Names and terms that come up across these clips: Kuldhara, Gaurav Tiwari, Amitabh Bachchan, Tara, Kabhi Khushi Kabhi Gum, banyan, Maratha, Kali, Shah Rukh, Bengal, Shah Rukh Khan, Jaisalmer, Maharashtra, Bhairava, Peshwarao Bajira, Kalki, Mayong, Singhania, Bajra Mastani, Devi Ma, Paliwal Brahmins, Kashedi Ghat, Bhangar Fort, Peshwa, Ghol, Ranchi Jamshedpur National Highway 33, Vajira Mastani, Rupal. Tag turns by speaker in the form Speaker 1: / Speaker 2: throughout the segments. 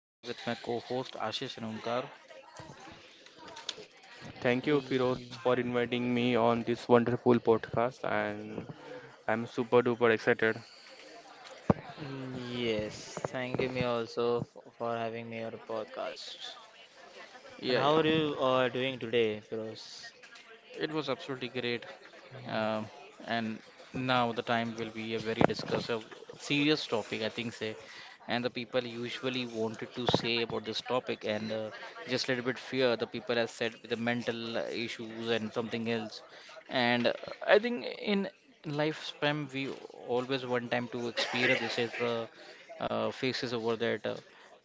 Speaker 1: with my co-host Ashish and Omkar.
Speaker 2: Thank you, Firoz,
Speaker 3: Y-
Speaker 2: for inviting me on this wonderful podcast, and I'm super duper excited.
Speaker 3: Yes, thank you, me also for having me on the podcast. And
Speaker 1: Yeah,
Speaker 3: how
Speaker 1: yeah,
Speaker 3: are you doing today, Firoz?
Speaker 1: it was absolutely great. Um, and now the time will be a very discussive, serious topic, I think, say. And the people usually wanted to say about this topic, and just a little bit fear. The people have said with the mental issues and something else. And I think in lifespan, we always one time to experience this is the faces over that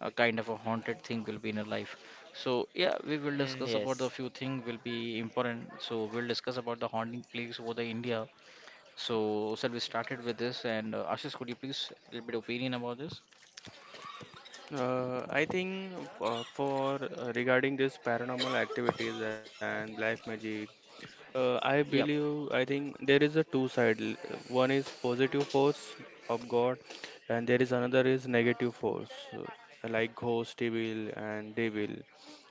Speaker 1: a kind of a haunted thing will be in a life. So yeah, we
Speaker 3: Mm,
Speaker 1: will discuss
Speaker 3: yes.
Speaker 1: about the few things will be important. So we'll discuss about the haunting plagues over the India. So shall we started with this? And Ashish, could you please a little bit opinion about this?
Speaker 2: I think for regarding this paranormal activities and black magic, I
Speaker 1: Yeah.
Speaker 2: believe, I think there is a two side. One is positive force of God, and there is another is negative force, uh, like ghost, evil, and devil.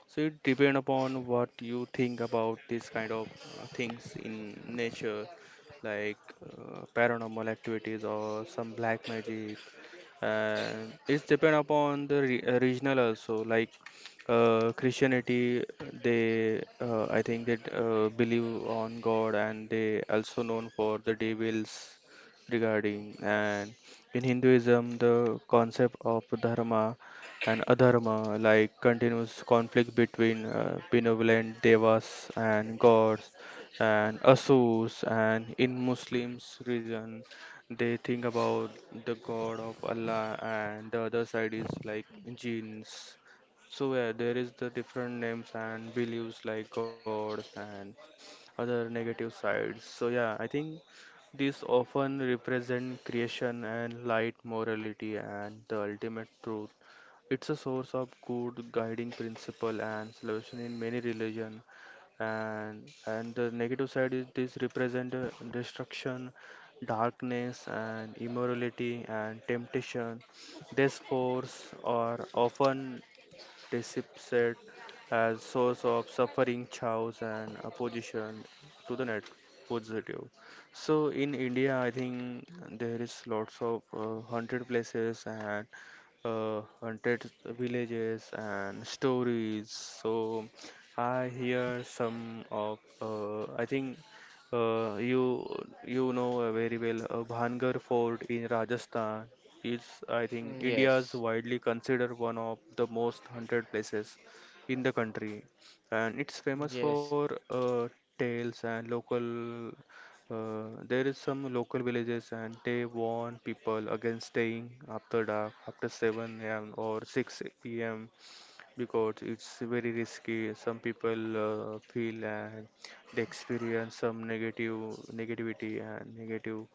Speaker 2: So it depend upon what you think about this kind of things in nature, like paranormal activities or some black magic, and it's depend upon the re regional also, like Christianity, they I think they believe on God and they also known for the devils regarding. And in Hinduism, the concept of dharma and adharma, like continuous conflict between benevolent devas and gods and asurs, and in Muslims region they think about the God of Allah, and the other side is like jinns. So yeah, there is the different names and beliefs like gods and other negative sides. So yeah, I think these often represent creation and light, morality, and the ultimate truth. It's a source of good guiding principle and salvation in many religions, and the negative side is this represent destruction, darkness, and immorality, and temptation. These forces are often depicted as source of suffering, chaos, and opposition to the net positive. So in India, I think there is lots of haunted places and haunted villages and stories. So I hear some of I think uh, you very well, Bhangar Fort in Rajasthan is, I
Speaker 3: Mm,
Speaker 2: think, India is
Speaker 3: yes,
Speaker 2: widely considered one of the most hunted places in the country, and it's famous
Speaker 3: yes,
Speaker 2: for tales and local. There is some local villages, and they warn people against staying after dark, after 7 a.m. or 6 p.m because it's very risky. Some people feel and they experience some negative negativity and negative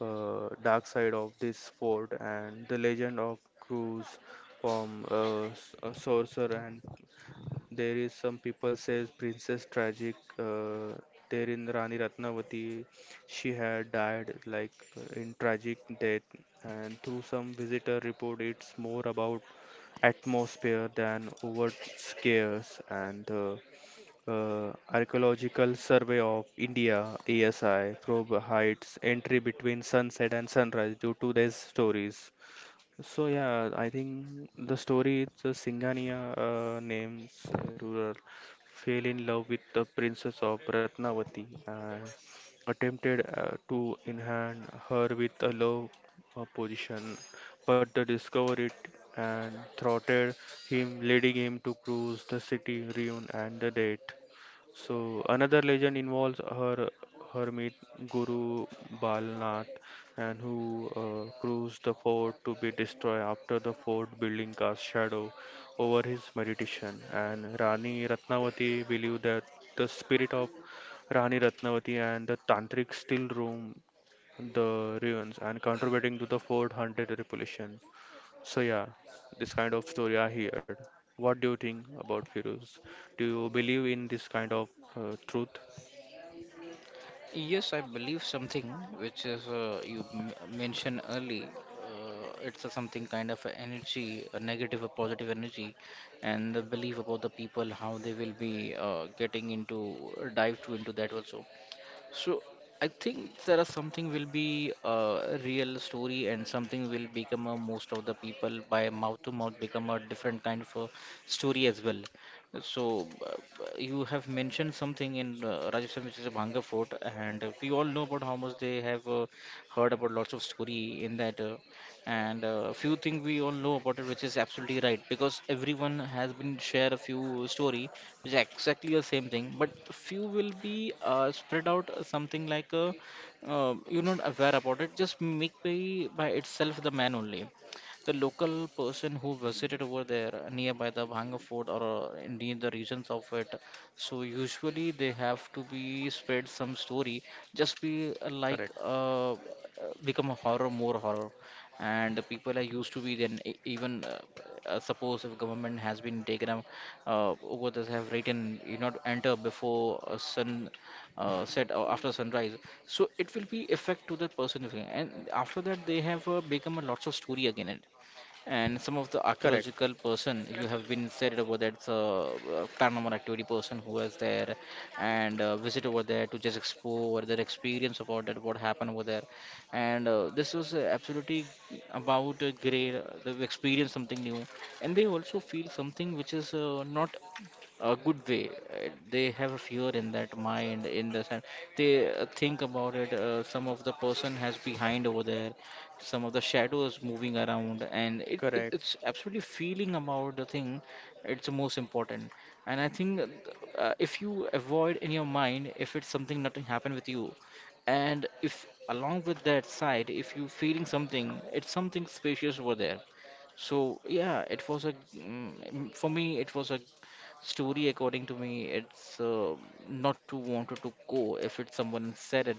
Speaker 2: dark side of this fort and the legend of Cruz from a sorcerer, and there is some people says Princess Tragic. There in Rani Ratnavati, she had died like in tragic death, and through some visitor report, it's more about atmosphere than overt scares, and the archaeological survey of India ASI probe hides entry between sunset and sunrise due to these stories. So yeah, I think the story, it's a Singhania names ruler fell in love with the princess of Ratnavati and attempted to enhance her with a love position, but they discovered it and thwarted him, leading him to cruise the city, ruin, and the death. So another legend involves her hermit Guru Balnath, and who cruised the fort to be destroyed after the fort building cast shadow over his meditation. And Rani Ratnavati believed that the spirit of Rani Ratnavati and the tantric still roam the ruins and contributing to the fort haunted reputation. So yeah, this kind of story I heard. What do you think about Firuz? Do you believe in this kind of truth?
Speaker 1: Yes, I believe something which is you mentioned early. It's a something kind of a energy, a negative or positive energy, and the belief about the people how they will be getting into dive to into that also. So I think there are something will be a real story and something will become a most of the people by mouth to mouth become a different kind of a story as well. So you have mentioned something in Rajasthan which is a Bhanga fort and we all know about how much they have heard about lots of story in that, and few things we all know about it which is absolutely right because everyone has been share a few story which is exactly the same thing but few will be spread out something like you're not aware about it just make by itself the man only the local person who visited over there nearby the Bhanga fort or in the regions of it so usually they have to be spread some story just be
Speaker 2: Correct.
Speaker 1: become a horror more horror and the people are used to be then even suppose if government has been taken a Ugadas have written, you not enter before sun set or after sunrise. So it will be effect to the person. And after that, they have become a lots of story again. It. And some of the
Speaker 2: Correct,
Speaker 1: archaeological person you have been said over that's a paranormal activity person who was there and visit over there to just explore their experience about that what happened over there. And this was absolutely about great. They've experienced something new and they also feel something which is not a good way. They have a fear in that mind, in the sense they think about it. Some of the person has behind over there, some of the shadows moving around, and it,
Speaker 2: correct,
Speaker 1: it's absolutely feeling about the thing. It's the most important, and I think that, if you avoid in your mind, if it's something nothing happen with you, and if along with that side, if you feeling something, it's something spacious over there. So yeah, it was a mm, for me it was a story according to me. It's not to wanted to go if it's someone said it,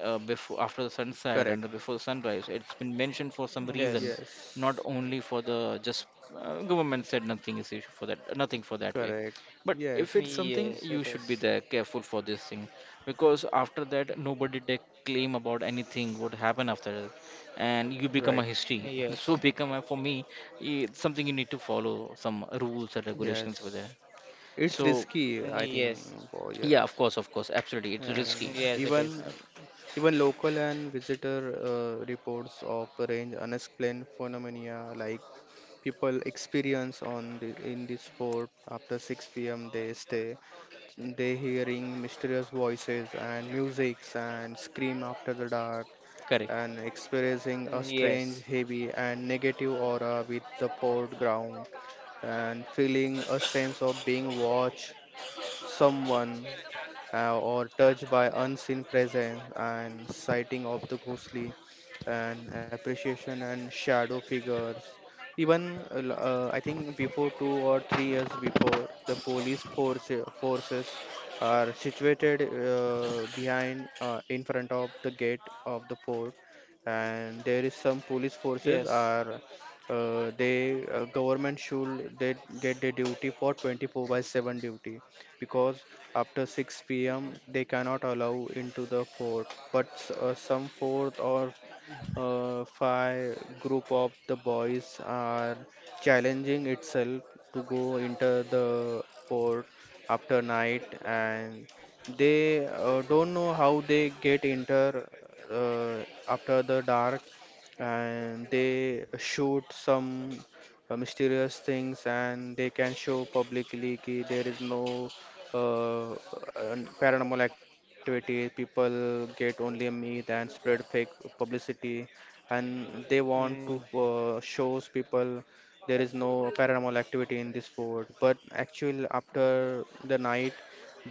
Speaker 1: before after the
Speaker 2: correct.
Speaker 1: sunset and the before sunrise it's been mentioned for some reason,
Speaker 3: yes,
Speaker 2: Yes,
Speaker 1: not only for the just government said nothing is issue for that nothing for that way,
Speaker 2: correct.
Speaker 1: but
Speaker 2: Yes,
Speaker 1: if it's something
Speaker 3: yes,
Speaker 1: you
Speaker 3: it
Speaker 1: should be
Speaker 3: is.
Speaker 1: there careful for this thing because after that nobody take claim about anything what happened after that and you become
Speaker 2: right.
Speaker 1: a history
Speaker 3: Yes.
Speaker 1: so become a, for me it's something you need to follow some rules and regulations for that.
Speaker 2: Yes, it's
Speaker 1: So
Speaker 2: risky,
Speaker 3: Mm,
Speaker 2: I
Speaker 3: yes,
Speaker 2: think. Oh,
Speaker 1: yeah, of
Speaker 2: yes,
Speaker 1: course, of course, absolutely it's
Speaker 2: and
Speaker 1: risky.
Speaker 3: yes, it is.
Speaker 2: even,
Speaker 1: Uh,
Speaker 2: even local and visitor reports of range unexplained phenomena, like people experience on the, in this fort after 6 p.m. they stay. They hearing mysterious voices and musics and scream after the dark,
Speaker 1: Correct.
Speaker 2: and experiencing a
Speaker 3: Mm,
Speaker 2: strange,
Speaker 3: yes,
Speaker 2: heavy, and negative aura with the foreground, and feeling a sense of being watched someone or touched by unseen presence, and sighting of the ghostly and appreciation and shadow figures. Even I think before 2 or 3 years before the forces are situated behind, in front of the gate of the fort, and there is some police
Speaker 3: yes.
Speaker 2: forces are they government should they get the duty for 24 by 7 duty because after 6 p.m. they cannot allow into the fort. But some fort or five group of the boys are challenging itself to go into the fort after night, and they don't know how they get into uh, after the dark, and they shoot some mysterious things, and they can show publicly that there is no uh, paranormal activity people get only a myth and spread fake publicity, and they want to
Speaker 3: Mm,
Speaker 2: shows people there is no paranormal activity in this fort, but actually after the night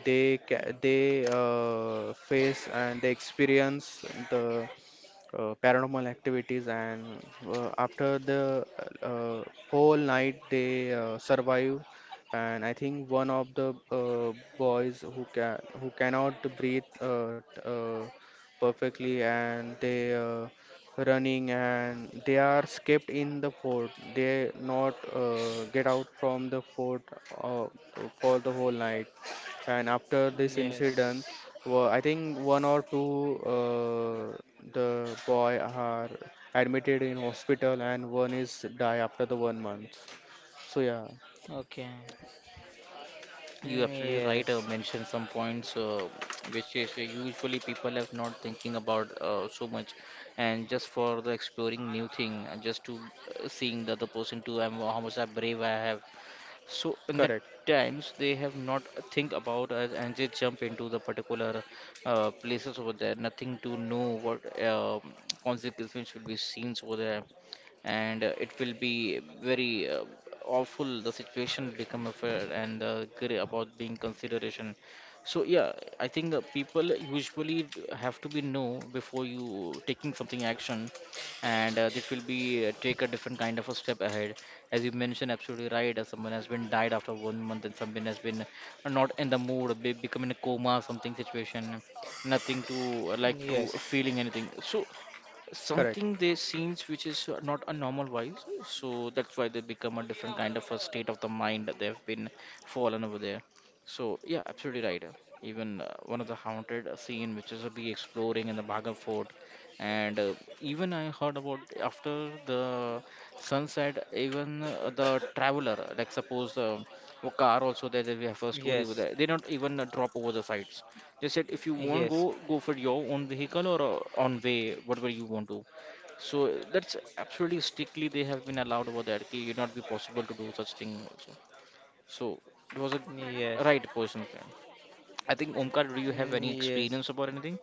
Speaker 2: they they face and they experience the paranormal activities, and after the uh, whole night they survive. And I think one of the boys who cannot breathe perfectly, and they running and they are escaped in the fort, they not get out from the fort uh, for the whole night. And after this incident,
Speaker 3: yes.
Speaker 2: well, I think one or two the boy are admitted in hospital, and one is die after the one month. So yeah,
Speaker 3: Okay.
Speaker 1: You
Speaker 3: Mm,
Speaker 1: absolutely right.
Speaker 3: yes,
Speaker 1: Mentioned some points which is usually people have not thinking about so much, and just for the exploring new thing, just to seeing the other person too, and how much I brave I have. So in that
Speaker 2: correct,
Speaker 1: times they have not think about us and they jump into the particular places over there. Nothing to know what um consequences will be seen over there. And it will be very awful the situation become affair and about being consideration. So yeah, I think people usually have to be know before you taking something action and that will be take a different kind of a step ahead as you mentioned absolutely right as someone has been died after 1 month and someone has been not in the mood, become in a coma something situation nothing to like to
Speaker 3: yes,
Speaker 1: feeling anything. So
Speaker 2: correct.
Speaker 1: something they scenes which is not a normal wise, so that's why they become a different kind of a state of the mind that they've been fallen over there. So yeah, absolutely right. Even one of the haunted scene which is be exploring in the Bhaga fort and even I heard about after the sunset even the traveler like suppose a car also there, they have a story over
Speaker 3: yes,
Speaker 1: there, they don't even drop over the sides. They said if you won't
Speaker 3: yes,
Speaker 1: go, go for your own vehicle or on way, whatever you want to. So that's absolutely strictly they have been allowed over that. It would not be possible to do such thing also. So it was a
Speaker 3: yes.
Speaker 1: right person there. I think Omkar, do you
Speaker 3: Mm,
Speaker 1: have any
Speaker 3: yes.
Speaker 1: experience about anything?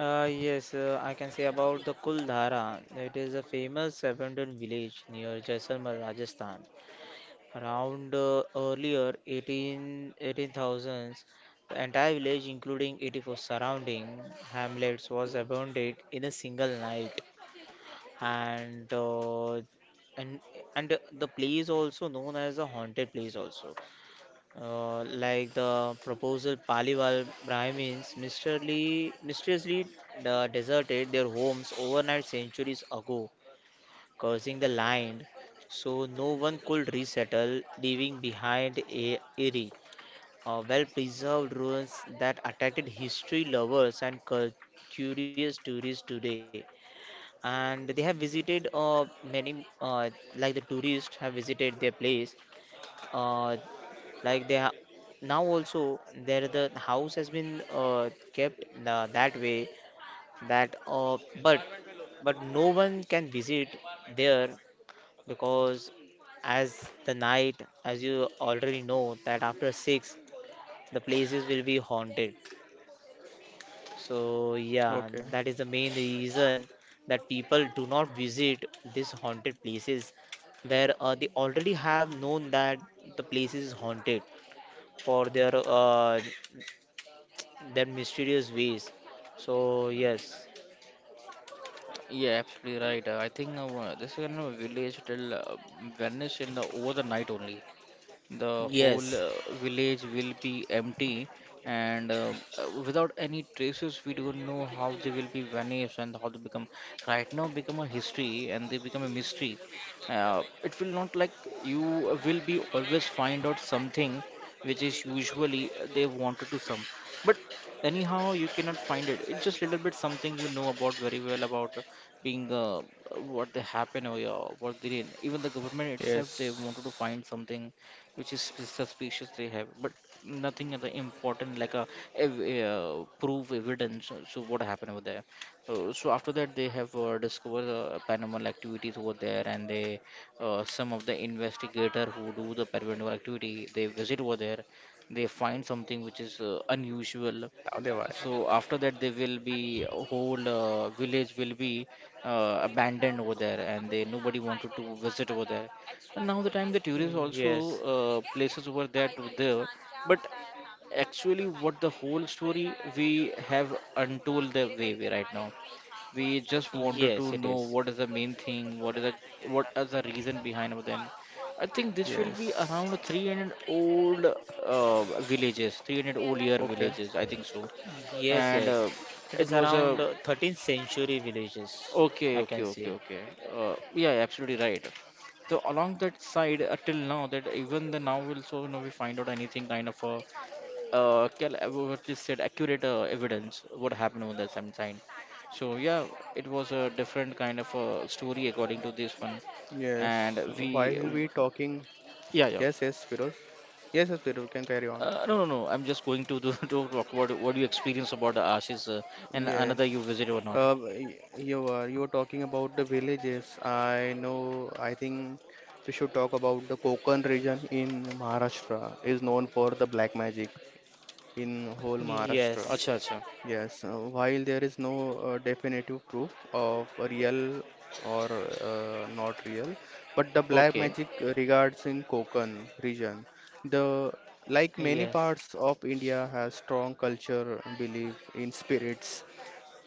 Speaker 3: Yes, I can say about the Kuldhara. It is a famous abandoned village near Jaisalmer, Rajasthan. Around earlier 18,000s, the entire village, including 84 surrounding hamlets, was abandoned in a single night. And uh, and and the place also known as a haunted place also, like the proposal Paliwal Brahmins mysteriously deserted their homes overnight centuries ago, cursing the land, so no one could resettle, leaving behind a eerie, well-preserved ruins that attracted history lovers and curious tourists today. And they have visited many, like the tourists have visited their place. Uh, like they now also there the house has been kept that way that, but no one can visit there, because as the night as you already know that after 6 the places will be haunted. So yeah,
Speaker 2: Okay.
Speaker 3: that is the main reason that people do not visit these haunted places, where they already have known that the place is haunted for their that mysterious ways. So yes,
Speaker 1: Yeah, absolutely right. I think this is in a village till vanish in the over the night only. The whole
Speaker 3: yes.
Speaker 1: village will be empty and without any traces we don't know how they will be vanished and how they become right now, become a history and they become a mystery. It will not like you will be always find out something which is usually they wanted to some, but anyhow you cannot find it, it's just little bit something you know about very well about being what they happen or yeah, what they did. Even the government itself they wanted to find
Speaker 2: Yes.
Speaker 1: something which is suspicious they have, but nothing other important like a, ev proof evidence so what happened over there. So after that they have discovered paranormal activities over there and they some of the investigator who do the paranormal activity they visit over there, they find something which is unusual.
Speaker 2: Now they why?
Speaker 1: So after that, they will be a whole village will be abandoned over there and they nobody wanted to visit over there. And now the time the tourists
Speaker 3: Mm,
Speaker 1: also
Speaker 3: yes,
Speaker 1: places over there to there, but actually what the whole story we have untold the way we right now, we just
Speaker 3: yes, it
Speaker 1: wanted to
Speaker 3: is.
Speaker 1: know what is the main thing, what is the, what is the reason behind over then. I think this will be around
Speaker 2: Yes.
Speaker 1: 300 old uh, villages, 300 old year
Speaker 2: Okay.
Speaker 1: villages, I think so.
Speaker 3: Yes, yes,
Speaker 1: And
Speaker 3: it is
Speaker 1: it was
Speaker 3: around
Speaker 1: a
Speaker 3: 13th century villages. I
Speaker 1: Okay,
Speaker 3: can
Speaker 1: okay, okay,
Speaker 3: say.
Speaker 1: okay. Yeah, absolutely right. So along that side, till now, that even the now also, you know, we find out anything kind of a what you said, accurate evidence what happened on that same time. So yeah, it was a different kind of a story according to this one,
Speaker 2: Yes.
Speaker 1: and
Speaker 2: While we
Speaker 1: we,
Speaker 2: talking,
Speaker 1: yeah,
Speaker 2: yes,
Speaker 1: yeah.
Speaker 2: yes, Firoz. Yes, yes, Firoz, you can carry on.
Speaker 1: No, no, no. I'm just going to do, to talk about what you experience about the ashes and
Speaker 2: Yes,
Speaker 1: another you visit or not.
Speaker 2: you are, you are talking about the villages. I know. I think we should talk about the Konkan region in Maharashtra is known for the black magic in whole Maharashtra.
Speaker 3: Yes,
Speaker 1: Acha, acha.
Speaker 2: Yes, while there is no definitive proof of real or not real, but the black
Speaker 1: Okay.
Speaker 2: magic regards in Konkan region. The, like many
Speaker 3: yes,
Speaker 2: parts of India has strong culture belief in spirits,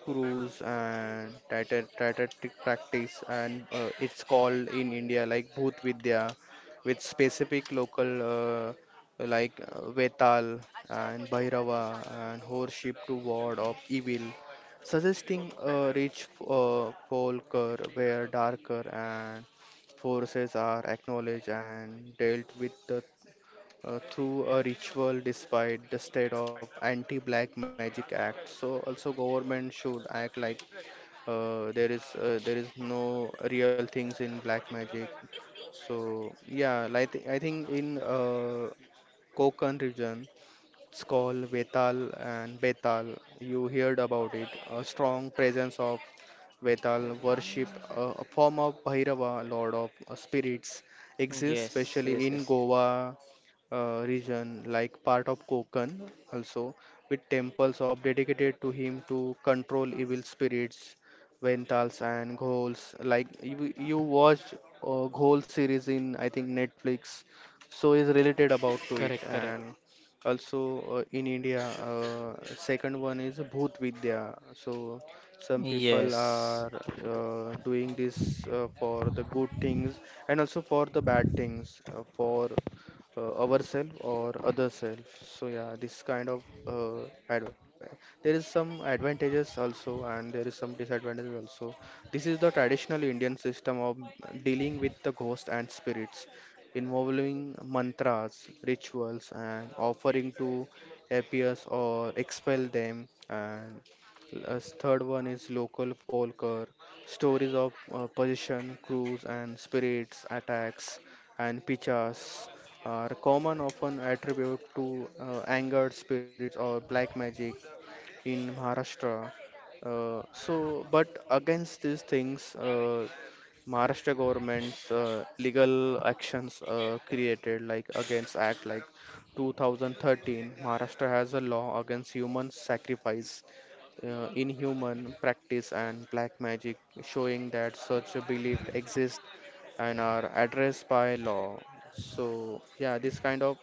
Speaker 2: cruise, and tata practice, and it's called in India like Bhut Vidya with specific local uh, Vetal and Bhairava, and worship to ward of evil, suggesting a rich folklore where darker and forces are acknowledged and dealt with through a ritual, despite the state of anti-black magic act. So also government should act like there is no real things in black magic. So yeah, like I think in Konkan region it's called Vetal and Betal. You heard about it. A strong presence of Vetal worship, a form of Bhairava, Lord of Spirits,
Speaker 3: yes,
Speaker 2: exists
Speaker 3: yes, yes,
Speaker 2: especially in Goa region, like part of Konkan also, with temples of dedicated to him to control evil spirits, Ventals and Ghols. Like you watched Ghol series in I think Netflix, so is related about to it.
Speaker 1: Correct, correct,
Speaker 2: And also in India, second one is Bhut Vidya. So some people
Speaker 3: yes.
Speaker 2: are doing this for the good things and also for the bad things, for ourselves or other self. So yeah, this kind of there is some advantages also, and there is some disadvantages also. This is the traditional Indian system of dealing with the ghost and spirits, involving mantras, rituals, and offering to appease or expel them. And as third one is local folklore, stories of possession, crews, and spirits attacks, and pichas are common, often attribute to angered spirits or black magic in Maharashtra. So, but against these things, Maharashtra government's legal actions created like against Act like 2013, Maharashtra has a law against human sacrifice, inhuman practice, and black magic, showing that such a belief exists and are addressed by law. So, yeah, this kind of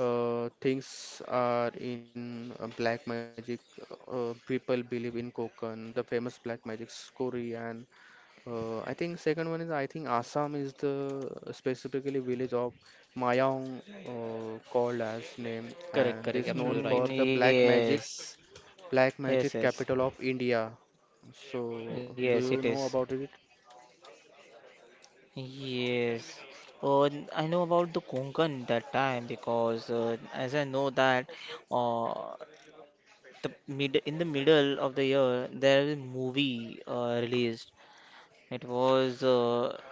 Speaker 2: things are in black magic. People believe in Konkan, the famous black magic story, and I think second one is I think Assam is the specifically village of Mayong called as name,
Speaker 1: correct,
Speaker 2: and
Speaker 1: correct.
Speaker 2: this known
Speaker 1: Absolutely
Speaker 2: for
Speaker 1: right.
Speaker 3: Mm,
Speaker 2: the
Speaker 3: yes,
Speaker 2: black
Speaker 3: yes,
Speaker 2: magic
Speaker 3: yes,
Speaker 2: capital of India. So,
Speaker 3: yes, it
Speaker 2: do
Speaker 3: is.
Speaker 2: you know about it?
Speaker 3: Yes. Oh, I know about the Konkan that time, because as I know that uh, the mid in the middle of the year there was a movie released. It was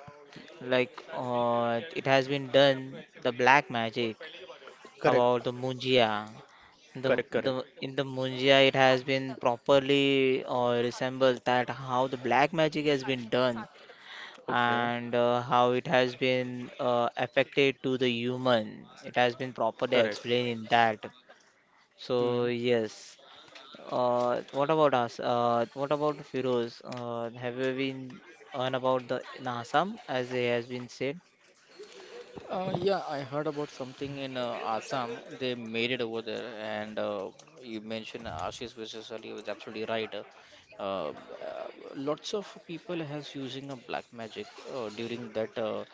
Speaker 3: like it has been done the black magic
Speaker 2: Correct,
Speaker 3: about the munjia. the
Speaker 2: correct, correct.
Speaker 3: the in the munjia it has been properly resembled that how the black magic has been done,
Speaker 2: Okay,
Speaker 3: and how it has been affected to the human, it has been properly
Speaker 2: correct.
Speaker 3: explained in that.
Speaker 2: Hmm.
Speaker 3: So yes. What about us? What about Firoz? Have you been on about the in Assam as it has been said?
Speaker 1: Yeah, I heard about something in Assam. They made it over there, and you mentioned Ashish versus Ali was absolutely right. Uh, uh, Lots of people has using a black magic during that.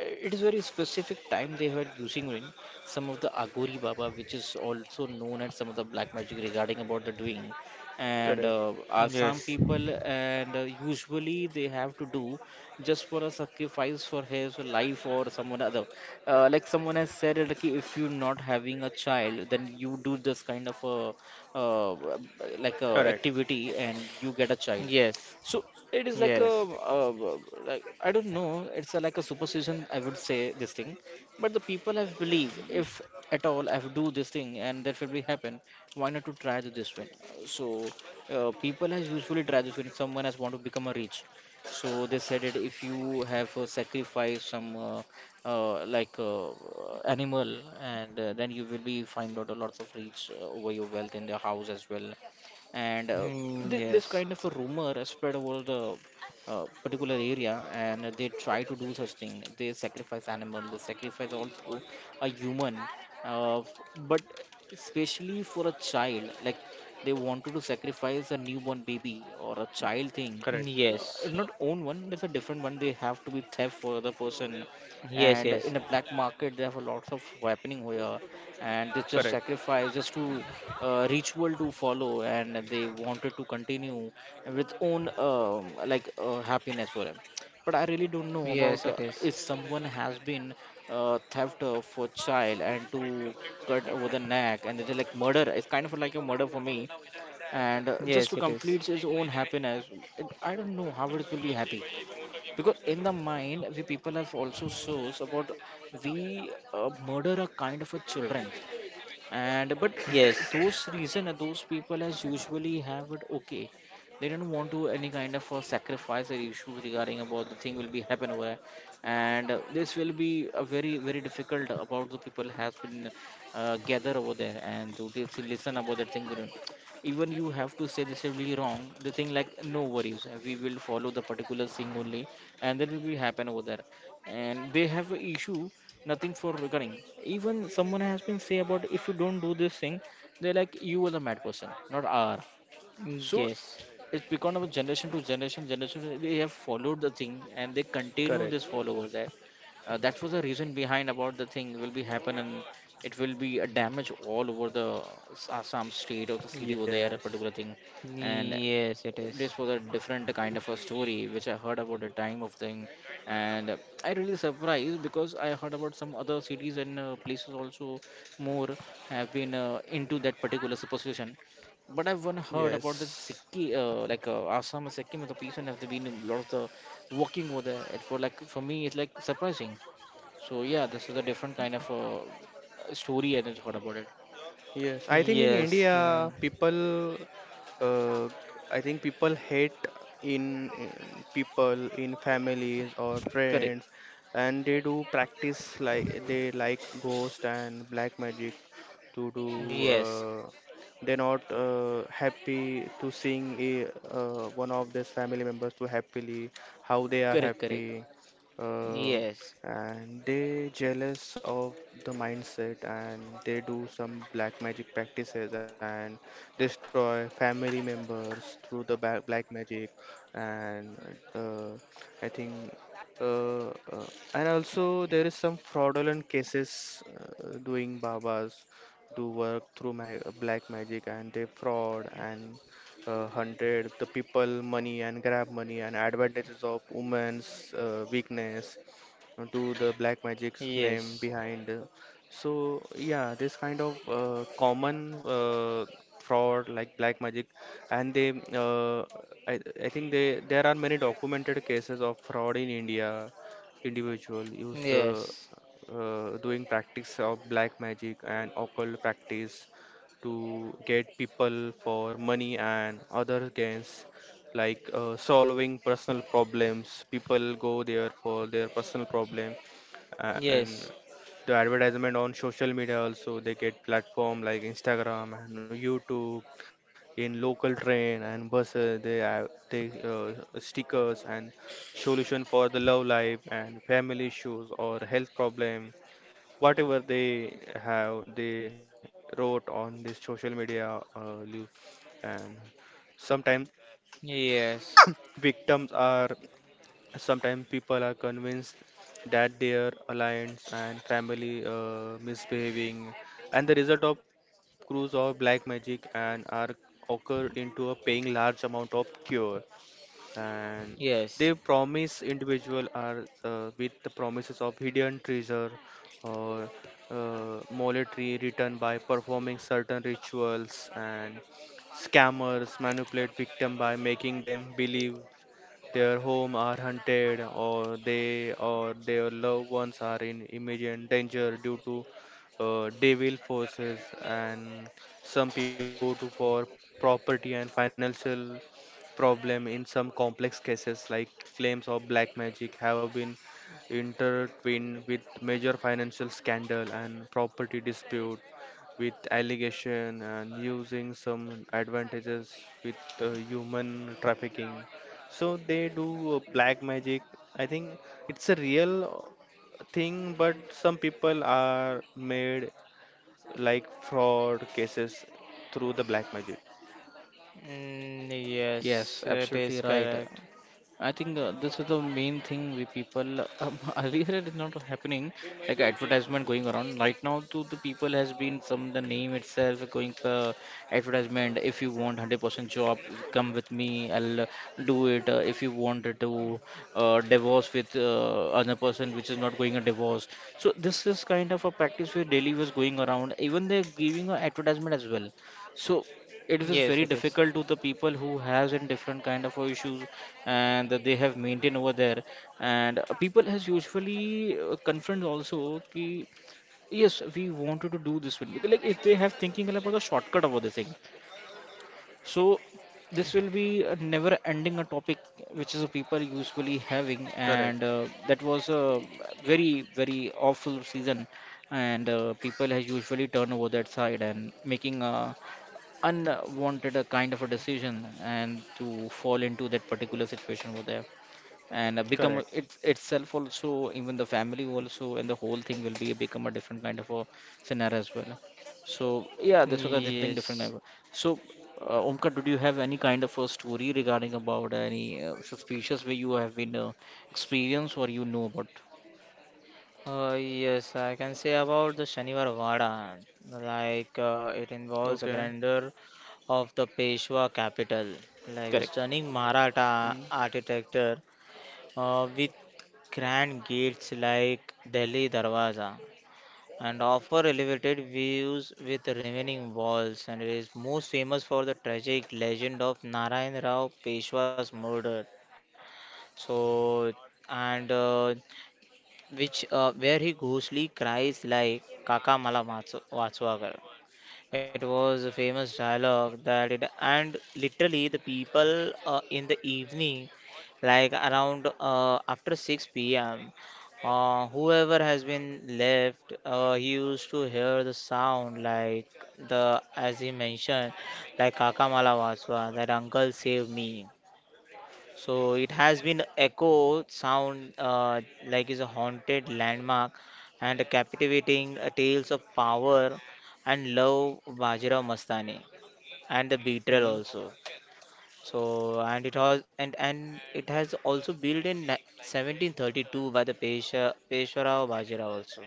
Speaker 1: It is very specific time they were using in some of the Agori Baba, which is also known as some of the black magic regarding about the doing, and
Speaker 2: Correct,
Speaker 1: Assam
Speaker 3: Yes.
Speaker 1: people and usually they have to do just for a sacrifice for his life or someone other. Like someone has said, like if you're not having a child, then you do this kind of a uh, like a
Speaker 2: correct,
Speaker 1: activity and you get a child.
Speaker 3: Yes.
Speaker 1: So it is like a
Speaker 3: Yes.
Speaker 1: like I don't know. It's a, like a superstition. I would say this thing, but the people have believe if at all I have do this thing and that will be happen. Why not to try to this one? So people has usually try this when someone has want to become a rich, so they said that if you have sacrificed some uh, like uh, animal, and then you will be find out a lot of rich over your wealth in the house as well. And th
Speaker 3: Mm,
Speaker 1: this kind
Speaker 3: yes.
Speaker 1: of a rumor has spread over the particular area, and they try to do such thing. They sacrifice animal, they sacrifice also a human, but especially for a child, like they wanted to sacrifice a newborn baby or a child thing.
Speaker 2: correct,
Speaker 3: Yes.
Speaker 1: Not own one, there's a different one they have to be theft for other person,
Speaker 3: Yes.
Speaker 1: and
Speaker 3: Yes.
Speaker 1: in a black market they have a lots of happening here, and they just
Speaker 2: correct,
Speaker 1: sacrifice just to ritual to follow, and they wanted to continue with own happiness for them. But I really don't know
Speaker 3: Yes.
Speaker 1: about
Speaker 3: It is.
Speaker 1: if someone has been theft for child and to cut over the neck, and they like murder. It's kind of like a murder for me, and just to
Speaker 3: Yes. It is.
Speaker 1: complete his own happiness. I don't know how it will be happy, because in the mind we people have also shows about we murder a kind of a children. And but
Speaker 3: Yes.
Speaker 1: those reason and those people as usually have it okay, they don't want to any kind of a sacrifice or issue regarding about the thing will be happen over there. And this will be a very very difficult about the people has been gather over there and to just listen about that thing. Even you have to say this is really wrong the thing, like no worries, we will follow the particular thing only, and that will be happen over there, and they have an issue nothing for recurring. Even someone has been say about if you don't do this thing, they're like you was a mad person, not R. So
Speaker 3: Yes.
Speaker 1: it's become of generation to generation. They have followed the thing and they continue
Speaker 2: correct.
Speaker 1: this follower there. That was the reason behind about the thing will be happen, and it will be a damage all over the Assam state or the city over there, a
Speaker 2: Yes,
Speaker 1: particular thing. And
Speaker 3: Yes. It
Speaker 1: this
Speaker 3: is.
Speaker 1: was a different kind of a story which I heard about the time of thing, and I really surprised because I heard about some other cities and places also more have been into that particular superstition, but I've one heard about the
Speaker 2: yes,
Speaker 1: Sikkim, Assam and Sikkim, the people have been a lot of the working over there. It for like for me, it's like surprising. So yeah, this is a different kind of story I just heard about it.
Speaker 2: yes. I think in
Speaker 3: Yes.
Speaker 2: India, people, uh, I think people hate in people in families or
Speaker 1: Correct,
Speaker 2: friends, and they do practice like they like ghost and black magic to do.
Speaker 3: Yes.
Speaker 2: They're not happy to sing a, one of these family members to happily how they are
Speaker 1: correct, correct.
Speaker 2: happy. Uh,
Speaker 3: Yes.
Speaker 2: and they jealous of the mindset, and they do some black magic practices and destroy family members through the black magic. And uh, I think uh, uh, and also there is some fraudulent cases doing babas do work through black magic, and they fraud and hunted the people money and grab money and advantages of women's weakness to the black magic's
Speaker 3: Yes.
Speaker 2: name behind. So yeah, this kind of common fraud like black magic, and they I, I think they there are many documented cases of fraud in India. Individual use the
Speaker 3: Yes.
Speaker 2: doing practice of black magic and occult practice to get people for money and other gains, like solving personal problems. People go there for their personal problem, and
Speaker 3: Yes.
Speaker 2: the advertisement on social media also. They get platform like Instagram and YouTube. In local train and buses they have they stickers and solution for the love life and family issues or health problem. Whatever they have, they wrote on this social media and sometimes
Speaker 3: Yes,
Speaker 2: victims are, sometimes people are convinced that their alliance and family misbehaving, and the result of cruise or black magic, and are occurred into a paying large amount of cure. And they
Speaker 3: yes.
Speaker 2: promise individual are with the promises of hidden treasure, or monetary return by performing certain rituals. And scammers manipulate victim by making them believe their home are hunted, or they or their loved ones are in immediate danger due to devil forces. And some people go to for property and financial problem. In some complex cases, like claims of black magic have been intertwined with major financial scandal and property dispute with allegation and using some advantages with human trafficking, so they do black magic. I think it's a real thing, but some people are made, like fraud cases through the black magic.
Speaker 3: Mm, yes,
Speaker 1: Yes,
Speaker 3: it is
Speaker 1: absolutely right.
Speaker 3: correct.
Speaker 1: I think this is the main thing we people earlier it is not happening, like advertisement going around right now, to the people has been some the name itself going for advertisement. If you want 100% job, come with me, I'll do it. If you wanted to divorce with another person which is not going a divorce, so this is kind of a practice where daily was going around, even they're giving a advertisement as well. So it is
Speaker 3: Yes,
Speaker 1: very
Speaker 3: it is.
Speaker 1: difficult to the people who has in different kind of issues, and that they have maintained over there. And people has usually confront also ki, yes we wanted to do this one. Because, like if they have thinking like about the shortcut about the thing, so this will be a never ending a topic which is a people usually having,
Speaker 2: Correct.
Speaker 1: and that was a very very awful season. And people has usually turn over that side and making a unwanted a kind of a decision and to fall into that particular situation over there, and become
Speaker 2: Correct.
Speaker 1: it itself also, even the family also, and the whole thing will be become a different kind of a scenario as well. So yeah, this was a different thing, different
Speaker 3: Yes.
Speaker 1: kind of. So, Omkar, did you have any kind of a story regarding about any suspicious way you have been experienced or you know about?
Speaker 3: Yes, I can say about the Shaniwar Vada. Like it
Speaker 2: Okay.
Speaker 3: involves a grandeur of the Peshwa capital, like the
Speaker 1: Correct.
Speaker 3: stunning
Speaker 2: Hmm.
Speaker 3: Maratha architecture with grand gates like Delhi Darwaza, and offer elevated views with remaining walls, and it is most famous for the tragic legend of Narayan Rao Peshwa's murder. So, and which, where he ghostly cries like Kaka Mala Matsu-, it was a famous dialogue that it, and literally the people, in the evening, like around after 6 p.m., whoever has been left, he used to hear the sound like the as he mentioned, like Kakamala Waswa, that uncle saved me. So it has been echo sound, like is a haunted landmark and a captivating tales of power and love Bajra Mastani and the
Speaker 2: Hmm.
Speaker 3: betrayal also. So, and it has also built in 1732 by the Peshwarao Bajira also.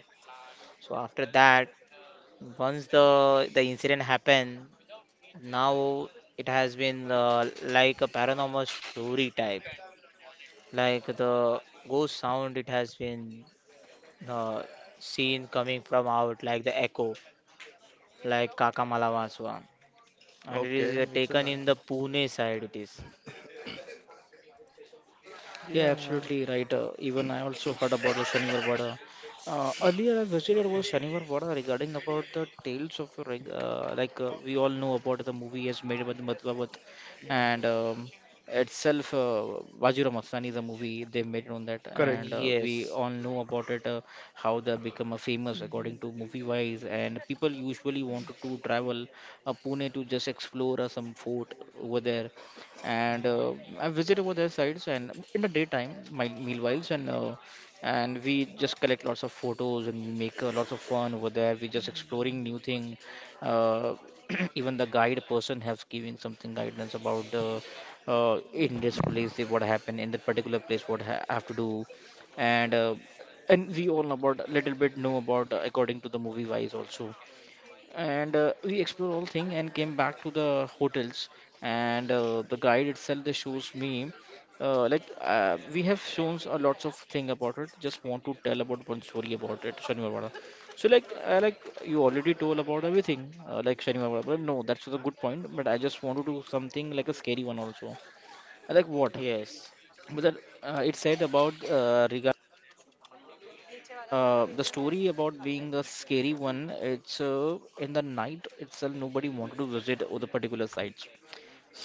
Speaker 3: So after that, once the incident happened, now it has been like a paranormal story type, like the ghost sound it has been uh, seen coming from out, like the echo, like kakamala Vaswa. And it is
Speaker 2: Okay. It's a
Speaker 3: taken in the
Speaker 2: nice.
Speaker 3: Pune side, it is.
Speaker 1: Yeah,
Speaker 2: Yeah.
Speaker 1: absolutely right. Even I also heard about the Shaniwar Vada. Earlier, I visited was Shaniwar Vada regarding about the tales of we all know about the movie as made by the Madhvavat, and itself Vajira Mastani is a movie they made on that,
Speaker 3: Mm,
Speaker 1: and
Speaker 2: Correct.
Speaker 3: yes,
Speaker 1: we all know about it. How they become a famous according to movie wise, and people usually wanted to travel Pune to just explore some fort over there. And I visit over their sites, and in the daytime, my meanwhiles and we just collect lots of photos, and we make lots of fun over there. We just exploring new thing. Uh, even the guide person has giving something guidance about the in this place if what happened in that particular place what have to do, and uh, and we all about little bit know about according to the movie wise also, and we explored all thing and came back to the hotels, and the guide itself they shows me we have shown a lots of thing about it. Just want to tell about one story about it, Shani Varvara. So like you already told about everything, like Shani Varvara, but no, that's a good point, but I just want to do something like a scary one also. And like what,
Speaker 3: yes.
Speaker 1: but that, it said about regarding the story about being a scary one. It's in the night itself, nobody wanted to visit all the particular sites.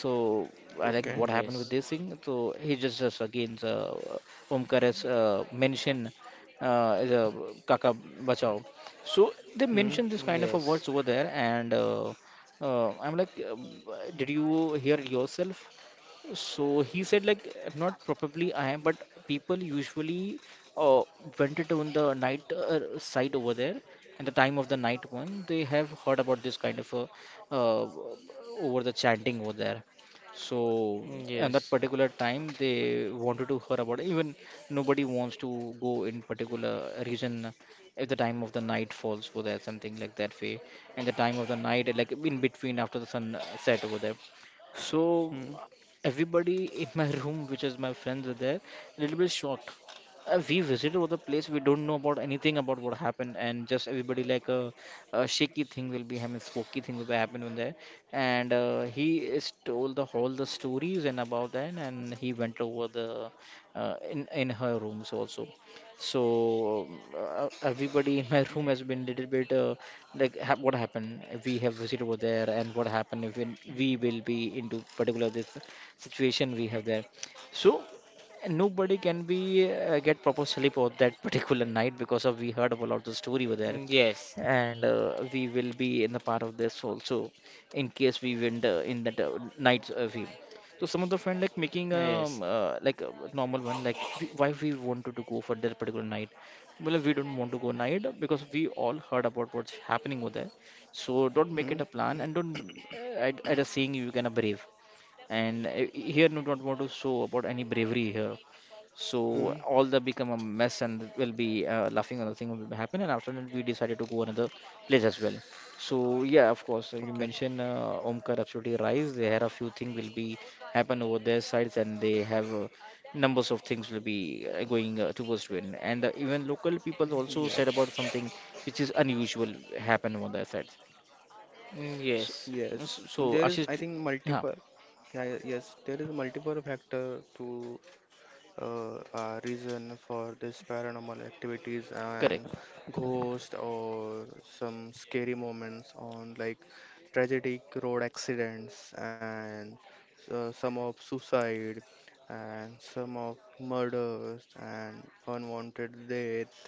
Speaker 1: So I
Speaker 2: Okay.
Speaker 1: like
Speaker 3: Mm,
Speaker 1: what happened with
Speaker 3: yes.
Speaker 1: this thing. So he just again, Omkar has mentioned, is a Kaka Bachao. So they
Speaker 2: Hmm.
Speaker 1: mentioned this
Speaker 3: Mm,
Speaker 1: kind of a
Speaker 3: yes.
Speaker 1: words over there, and I'm like, did you hear yourself? So he said like not probably I am, but people usually uh, went it on the night side over there, and the time of the night one they have heard about this kind of a uh, over the chanting over there. So,
Speaker 3: Mm, yes. Mm,
Speaker 1: and
Speaker 3: yes,
Speaker 1: that particular time, they wanted to hear about, even nobody wants to go in particular region if the time of the night falls over there, something like that way, and the time of the night, like in between after the sun set over there. So
Speaker 2: Hmm.
Speaker 1: everybody in my room, which is my friends, were there, a little bit shocked. We visited all the place, we don't know about anything about what happened, and just everybody like a shaky thing will be happening, spooky thing will be happening on there. And he is told the whole the stories and about that, and he went over the in her rooms also. So everybody in my room has been little bit what happened if we have visited over there, and what happened if we will be into particular this situation we have there. So nobody can be get proper sleep on that particular night because of we heard about lot of
Speaker 3: yes.
Speaker 1: story over
Speaker 3: Mm, yes. Mm,
Speaker 1: there,
Speaker 3: yes.
Speaker 1: and we will be in the part of this also in case we win the, in that night we. So some of the friend like making like a normal one, like we, why we wanted to go for that particular night. Well we don't want to go night because we all heard about what's happening over there, so don't make
Speaker 2: Hmm.
Speaker 1: it a plan and don't at a saying you can brave, and here do not want to show about any bravery here. So
Speaker 2: Hmm.
Speaker 1: all that become a mess and will be laughing on the thing will happen, and after that we decided to go another place as well. So yeah, of course, you
Speaker 2: Okay.
Speaker 1: mentioned Omkar absolutely right, there are a few things will be happen over their sides, and they have numbers of things will be going towards win, and even local people also said about
Speaker 2: Yes.
Speaker 1: something which is unusual happen on their sides. So
Speaker 2: Yes.
Speaker 1: so,
Speaker 2: There
Speaker 1: so
Speaker 2: is, I
Speaker 1: ashish
Speaker 2: think,
Speaker 1: yeah.
Speaker 2: multiple. Yeah. Yes. There is multiple factor to are reason for this paranormal activities,
Speaker 1: Correct.
Speaker 2: and ghost or some scary moments on, like tragic road accidents, and some of suicide, and some of murders, and unwanted death.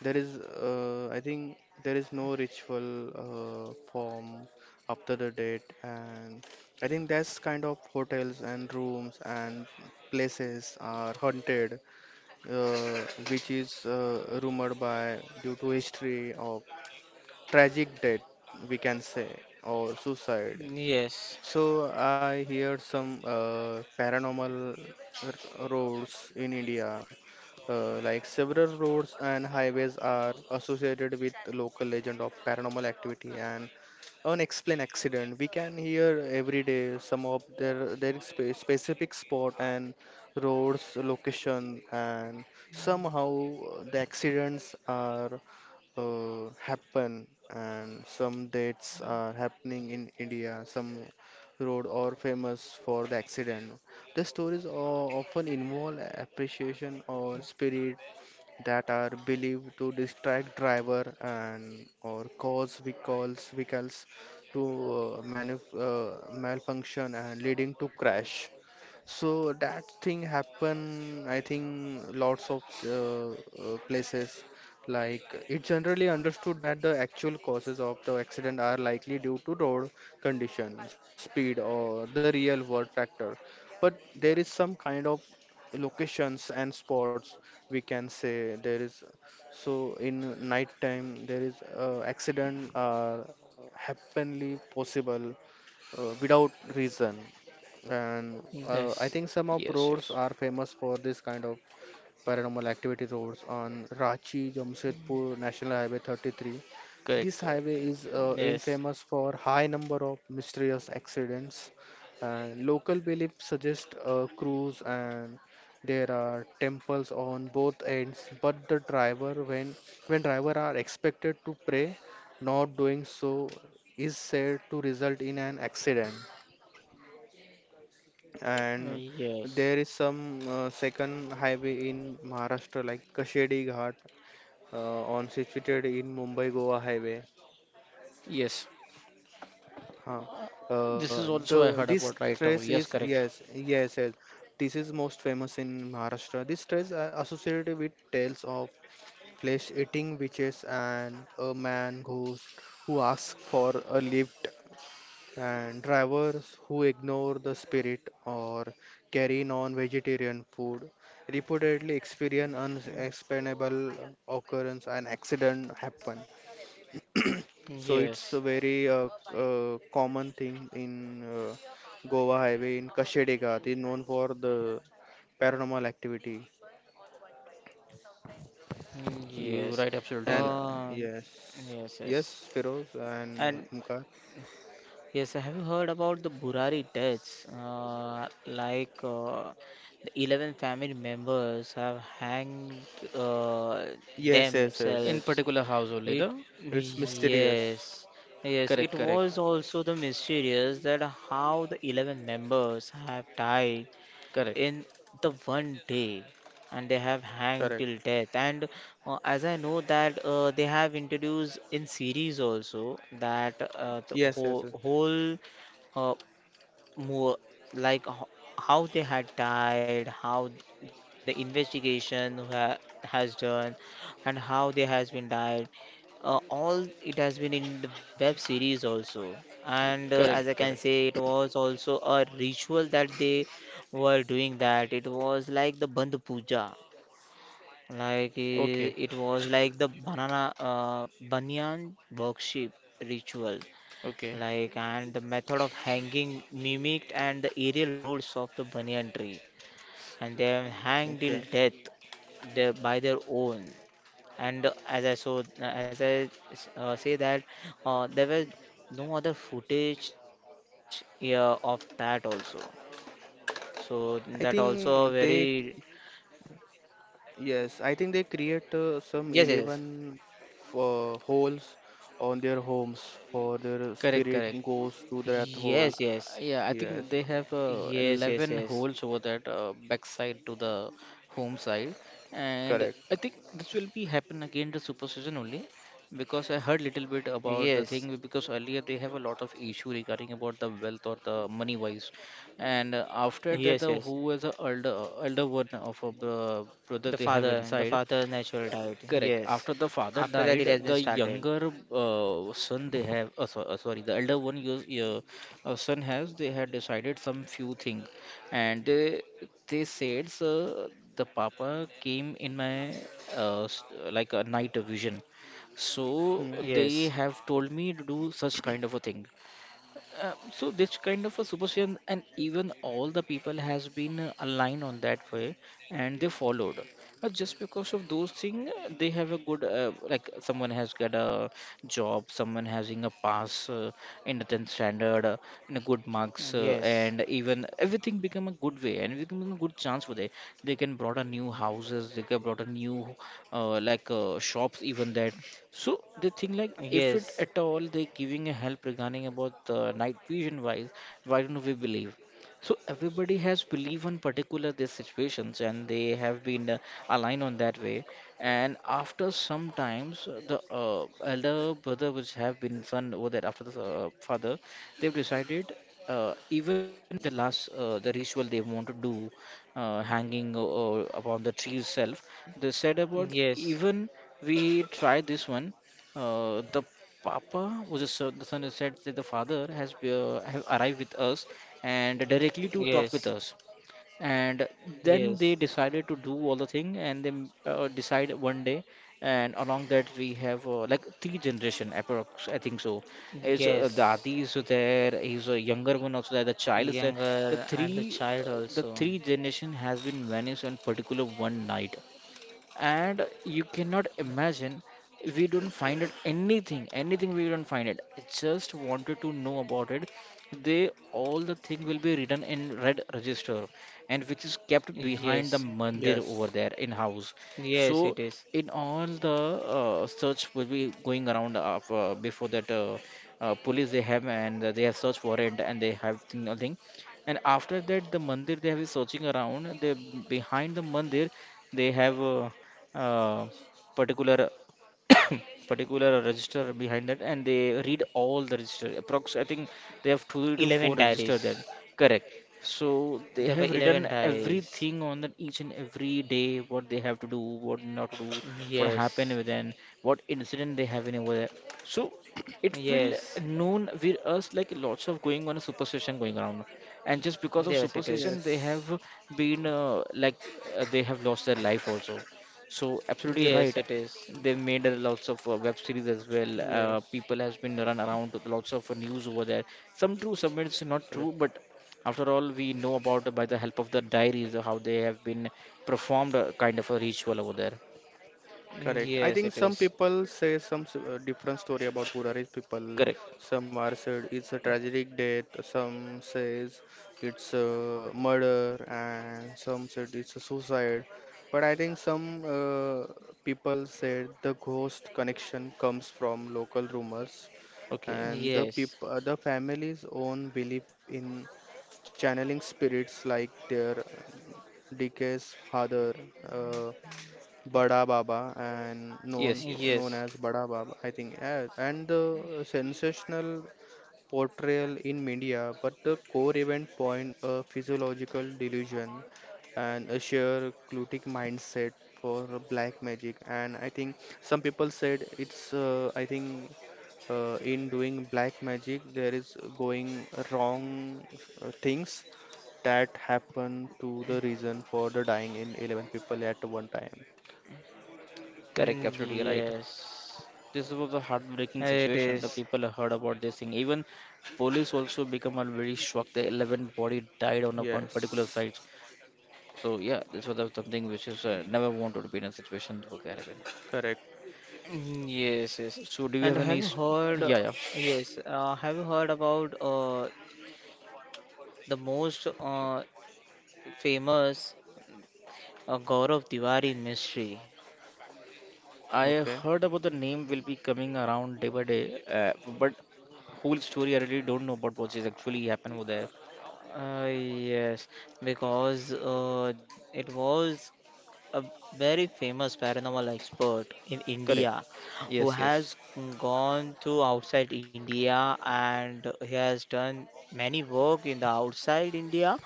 Speaker 2: There is, I think, there is no ritual form after the date. And I think that's kind of hotels and rooms and places are haunted, uh, which is rumored by due to history of tragic death, we can say, or suicide. So I hear some paranormal roads in India, like several roads and highways are associated with local legend of paranormal activity and unexplained accident. We can hear every day some of their specific spot and roads location, and somehow the accidents are happen and some deaths are happening in India. Some road are famous for the accident. The stories often involve appreciation or spirit that are believed to distract driver and or cause vehicles to malfunction and leading to crash. So that thing happen, I think, lots of places. Like, it's generally understood that the actual causes of the accident are likely due to road condition, speed, or the real world factor. But there is some kind of locations and spots, we can say. There is, so in night time there is accident are happenly possible without reason. And
Speaker 3: Mm, yes. Mm,
Speaker 2: I
Speaker 3: yes.
Speaker 2: think some of
Speaker 1: Yes,
Speaker 2: roads
Speaker 1: yes.
Speaker 2: are famous for this kind of paranormal activity. Roads on Ranchi Jamshedpur National Highway 33. This
Speaker 1: Correct, correct.
Speaker 2: highway
Speaker 1: Correct.
Speaker 2: is infamous for high number of mysterious accidents. And local beliefs suggest a cruise, and there are temples on both ends. But the driver, when driver are expected to pray, not doing so is said to result in an accident. And
Speaker 3: Mm, yes.
Speaker 2: there is some second highway in Maharashtra like Kashedi Ghat, on situated in Mumbai Goa highway.
Speaker 1: Yes,
Speaker 2: Huh.
Speaker 1: this is
Speaker 2: The
Speaker 1: also I heard
Speaker 2: this
Speaker 1: about right
Speaker 2: trace
Speaker 1: now.
Speaker 2: is,
Speaker 1: Yes,
Speaker 2: yes,
Speaker 1: correct.
Speaker 2: yes, yes, this is most famous in Maharashtra. This trace are associated with tales of flesh eating witches and a man ghost who asks for a lift, and drivers who ignore the spirit or carry non-vegetarian food reportedly experience
Speaker 3: Mm,
Speaker 2: unexplainable occurrence and accident happen. So it's
Speaker 3: yes.
Speaker 2: a very common thing in Goa highway. In Kashedi Ghat is known for the paranormal activity.
Speaker 3: Mm,
Speaker 1: You
Speaker 3: yes.
Speaker 1: right,
Speaker 2: And
Speaker 1: absolutely.
Speaker 3: Uh,
Speaker 2: yes,
Speaker 3: yes,
Speaker 2: yes,
Speaker 3: yes.
Speaker 2: Firoz and
Speaker 3: And
Speaker 2: Umkar.
Speaker 3: yes, I have you heard about the Burari deaths? Like the 11 family members have hanged uh,
Speaker 2: Yes, yes,
Speaker 1: In
Speaker 2: yes,
Speaker 3: themselves.
Speaker 1: particular house only,
Speaker 3: It,
Speaker 1: no?
Speaker 2: it's mysterious.
Speaker 3: yes, yes. It
Speaker 1: Correct, correct,
Speaker 3: was also the mysterious that how the 11 members have died
Speaker 1: correct,
Speaker 3: in the one day, and they have hanged
Speaker 2: Correct.
Speaker 3: till death, and as I know that they have introduced in series also, that the
Speaker 2: Yes, yes, yes.
Speaker 3: whole, whole uh, more like how they had died, how the investigation ha has done, and how they has been died. All it has been in the web series also, and as I
Speaker 1: correct,
Speaker 3: can
Speaker 1: correct.
Speaker 3: say, it was also a ritual that they were doing that. It was like the Bandh Puja, like
Speaker 1: Okay,
Speaker 3: it was like the banana banyan worship ritual,
Speaker 1: okay,
Speaker 3: like, and the method of hanging mimicked and the aerial rules of the banyan tree, and they have hanged till
Speaker 2: Okay,
Speaker 3: death, their, by their own, and as I say that there were no other footage, yeah, of that also, so that
Speaker 2: I
Speaker 3: also
Speaker 2: think
Speaker 3: very.
Speaker 2: they, yes, I think they create
Speaker 3: Yes,
Speaker 2: some
Speaker 3: yes,
Speaker 2: 11 holes on their homes for their
Speaker 1: correct,
Speaker 2: spirit
Speaker 1: correct.
Speaker 2: goes to
Speaker 3: yes,
Speaker 2: that
Speaker 3: yes,
Speaker 2: hole.
Speaker 1: Uh, yeah, I
Speaker 2: Yes,
Speaker 1: think they have
Speaker 3: yes, yes, yes,
Speaker 1: 11 holes over that backside to the home side, and
Speaker 2: correct.
Speaker 1: I think this will be happen again the super season only because I heard little bit
Speaker 3: yes,
Speaker 1: about the thing because earlier they have a lot of issue regarding about the wealth or the money wise, and after
Speaker 3: yes, yes,
Speaker 1: that the
Speaker 3: yes.
Speaker 1: who is the elder one of a brother they have
Speaker 3: The
Speaker 1: inside.
Speaker 3: father natural died,
Speaker 1: Correct.
Speaker 3: yes.
Speaker 1: After the father
Speaker 3: After that it has
Speaker 1: died,
Speaker 3: been
Speaker 1: the
Speaker 3: started.
Speaker 1: younger son they have, sorry, the elder one your son has, they had decided some few things, and they said, sir, the papa came in my uh, s- like a night vision, so
Speaker 2: Hmm.
Speaker 1: they
Speaker 3: Yes,
Speaker 1: have told me to do such kind of a thing. So this kind of a superstition and even all the people has been aligned on that way and they followed, but just because of those things they have a good like someone has got a job, someone having a pass in the 10th standard in a good marks
Speaker 3: yes,
Speaker 1: and even everything become a good way and everything become a good chance for they can brought a new houses, they can brought a new shops even that. So the thing like if
Speaker 3: yes,
Speaker 1: it at all they giving a help regarding about the night vision wise, why don't we believe? So everybody has belief on particular these situations and they have been aligned on that way. And after sometimes the elder brother which have been son over that after the father, they've decided even the last the ritual they want to do hanging upon the tree itself, they said about
Speaker 3: yes,
Speaker 1: even we try this one, the papa was a sir, the son said that the father has have arrived with us and directly to talk with
Speaker 3: yes,
Speaker 1: us. And then
Speaker 3: yes,
Speaker 1: they decided to do all the thing and they decide one day. And along that we have like three generation approx. I think so. Is
Speaker 3: yes.
Speaker 1: Dadi is there? Is a younger one also there? The child is there. The
Speaker 3: Younger and the child also.
Speaker 1: three generation has been vanished on particular one night, and you cannot imagine, we don't find it anything, we don't find it. I just wanted to know about it. They, all the thing will be written in red register, and which is kept behind the
Speaker 3: Yes,
Speaker 2: Yes,
Speaker 1: mandir over there in house. So
Speaker 3: yes, it is.
Speaker 1: in all the search will be going around of, before that, police they have and they have search warrant, and they have nothing. And after that the mandir they have been searching around, they behind the mandir they have uh, particular particular register behind that, and they read all the register approx, I think they have two to four
Speaker 3: 11
Speaker 1: register
Speaker 3: diaries.
Speaker 1: there. Correct. So they
Speaker 3: There were
Speaker 1: have written
Speaker 3: 11 diaries.
Speaker 1: everything on that, each and every day what they have to do, what not to do, what happened
Speaker 3: Yes,
Speaker 1: with them, what incident they have in over there. So it will
Speaker 3: yes,
Speaker 1: known with us like lots of going on a superstition going around, and just because of
Speaker 3: yes, it is.
Speaker 1: superstition they
Speaker 2: yes,
Speaker 1: have been they have lost their life also. So absolutely
Speaker 3: Yes,
Speaker 1: right.
Speaker 3: it is.
Speaker 1: They've made a lots of web series as well.
Speaker 2: yes,
Speaker 1: People has been run around with lots of news over there. Some true, some it's not true,
Speaker 2: correct.
Speaker 1: but after all, we know about by the help of the diaries how they have been performed kind of a ritual over there.
Speaker 2: Correct. I
Speaker 3: Yes,
Speaker 2: think
Speaker 3: it
Speaker 2: some
Speaker 3: is.
Speaker 2: people say some different story about poor people.
Speaker 1: Correct.
Speaker 2: Some are said it's a tragic death. Some says it's a murder, and some said it's a suicide. But I think some people said the ghost connection comes from local rumors
Speaker 1: Okay.
Speaker 2: and
Speaker 3: Yes,
Speaker 2: the family's own belief in channeling spirits like their deceased father. uh, Bada Baba and known
Speaker 1: Yes, yes.
Speaker 2: known
Speaker 3: yes,
Speaker 2: as Bada Baba, I think, and the sensational portrayal in media, but the core event point a physiological delusion and a sheer cultic mindset for black magic. And I think some people said it's, I think, in doing black magic there is going wrong things that happen to the reason for the dying in 11 people at one time.
Speaker 1: Correct, absolutely right.
Speaker 3: yes.
Speaker 1: This was a heartbreaking
Speaker 3: It
Speaker 1: situation. The
Speaker 3: is.
Speaker 1: people heard about this thing. Even police also become a very shocked. The 11 body died on a one particular
Speaker 2: Yes,
Speaker 1: site. So yeah, this was a- something which is never want to be in a situation to occur again.
Speaker 2: correct.
Speaker 3: Mm, yes, yes.
Speaker 1: So, do you
Speaker 3: And
Speaker 1: have any?
Speaker 3: have you heard,
Speaker 1: Yeah, yeah.
Speaker 3: yes, have you heard about the most famous Gaurav Tiwari mystery?
Speaker 1: I
Speaker 2: Okay,
Speaker 1: heard about the name will be coming around day by day, but whole story I really don't know about what is actually happened over there.
Speaker 3: Yes, because it was a very famous paranormal expert in India,
Speaker 1: Correct.
Speaker 3: who
Speaker 1: Yes,
Speaker 3: has
Speaker 1: yes.
Speaker 3: gone to outside India, and he has done many work in the outside India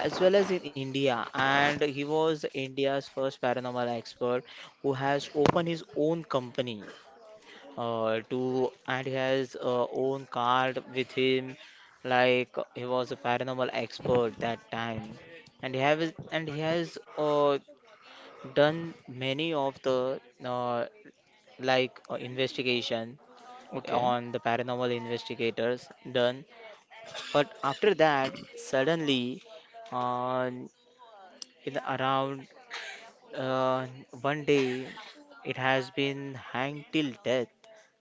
Speaker 3: as well as in India. And he was India's first paranormal expert who has opened his own company, to and he has own card with him, like he was a paranormal expert that time, and he has done many of the like investigation
Speaker 1: Okay.
Speaker 3: on the paranormal investigators done. But after that suddenly, uh, in around uh, one day, it has been hanged till death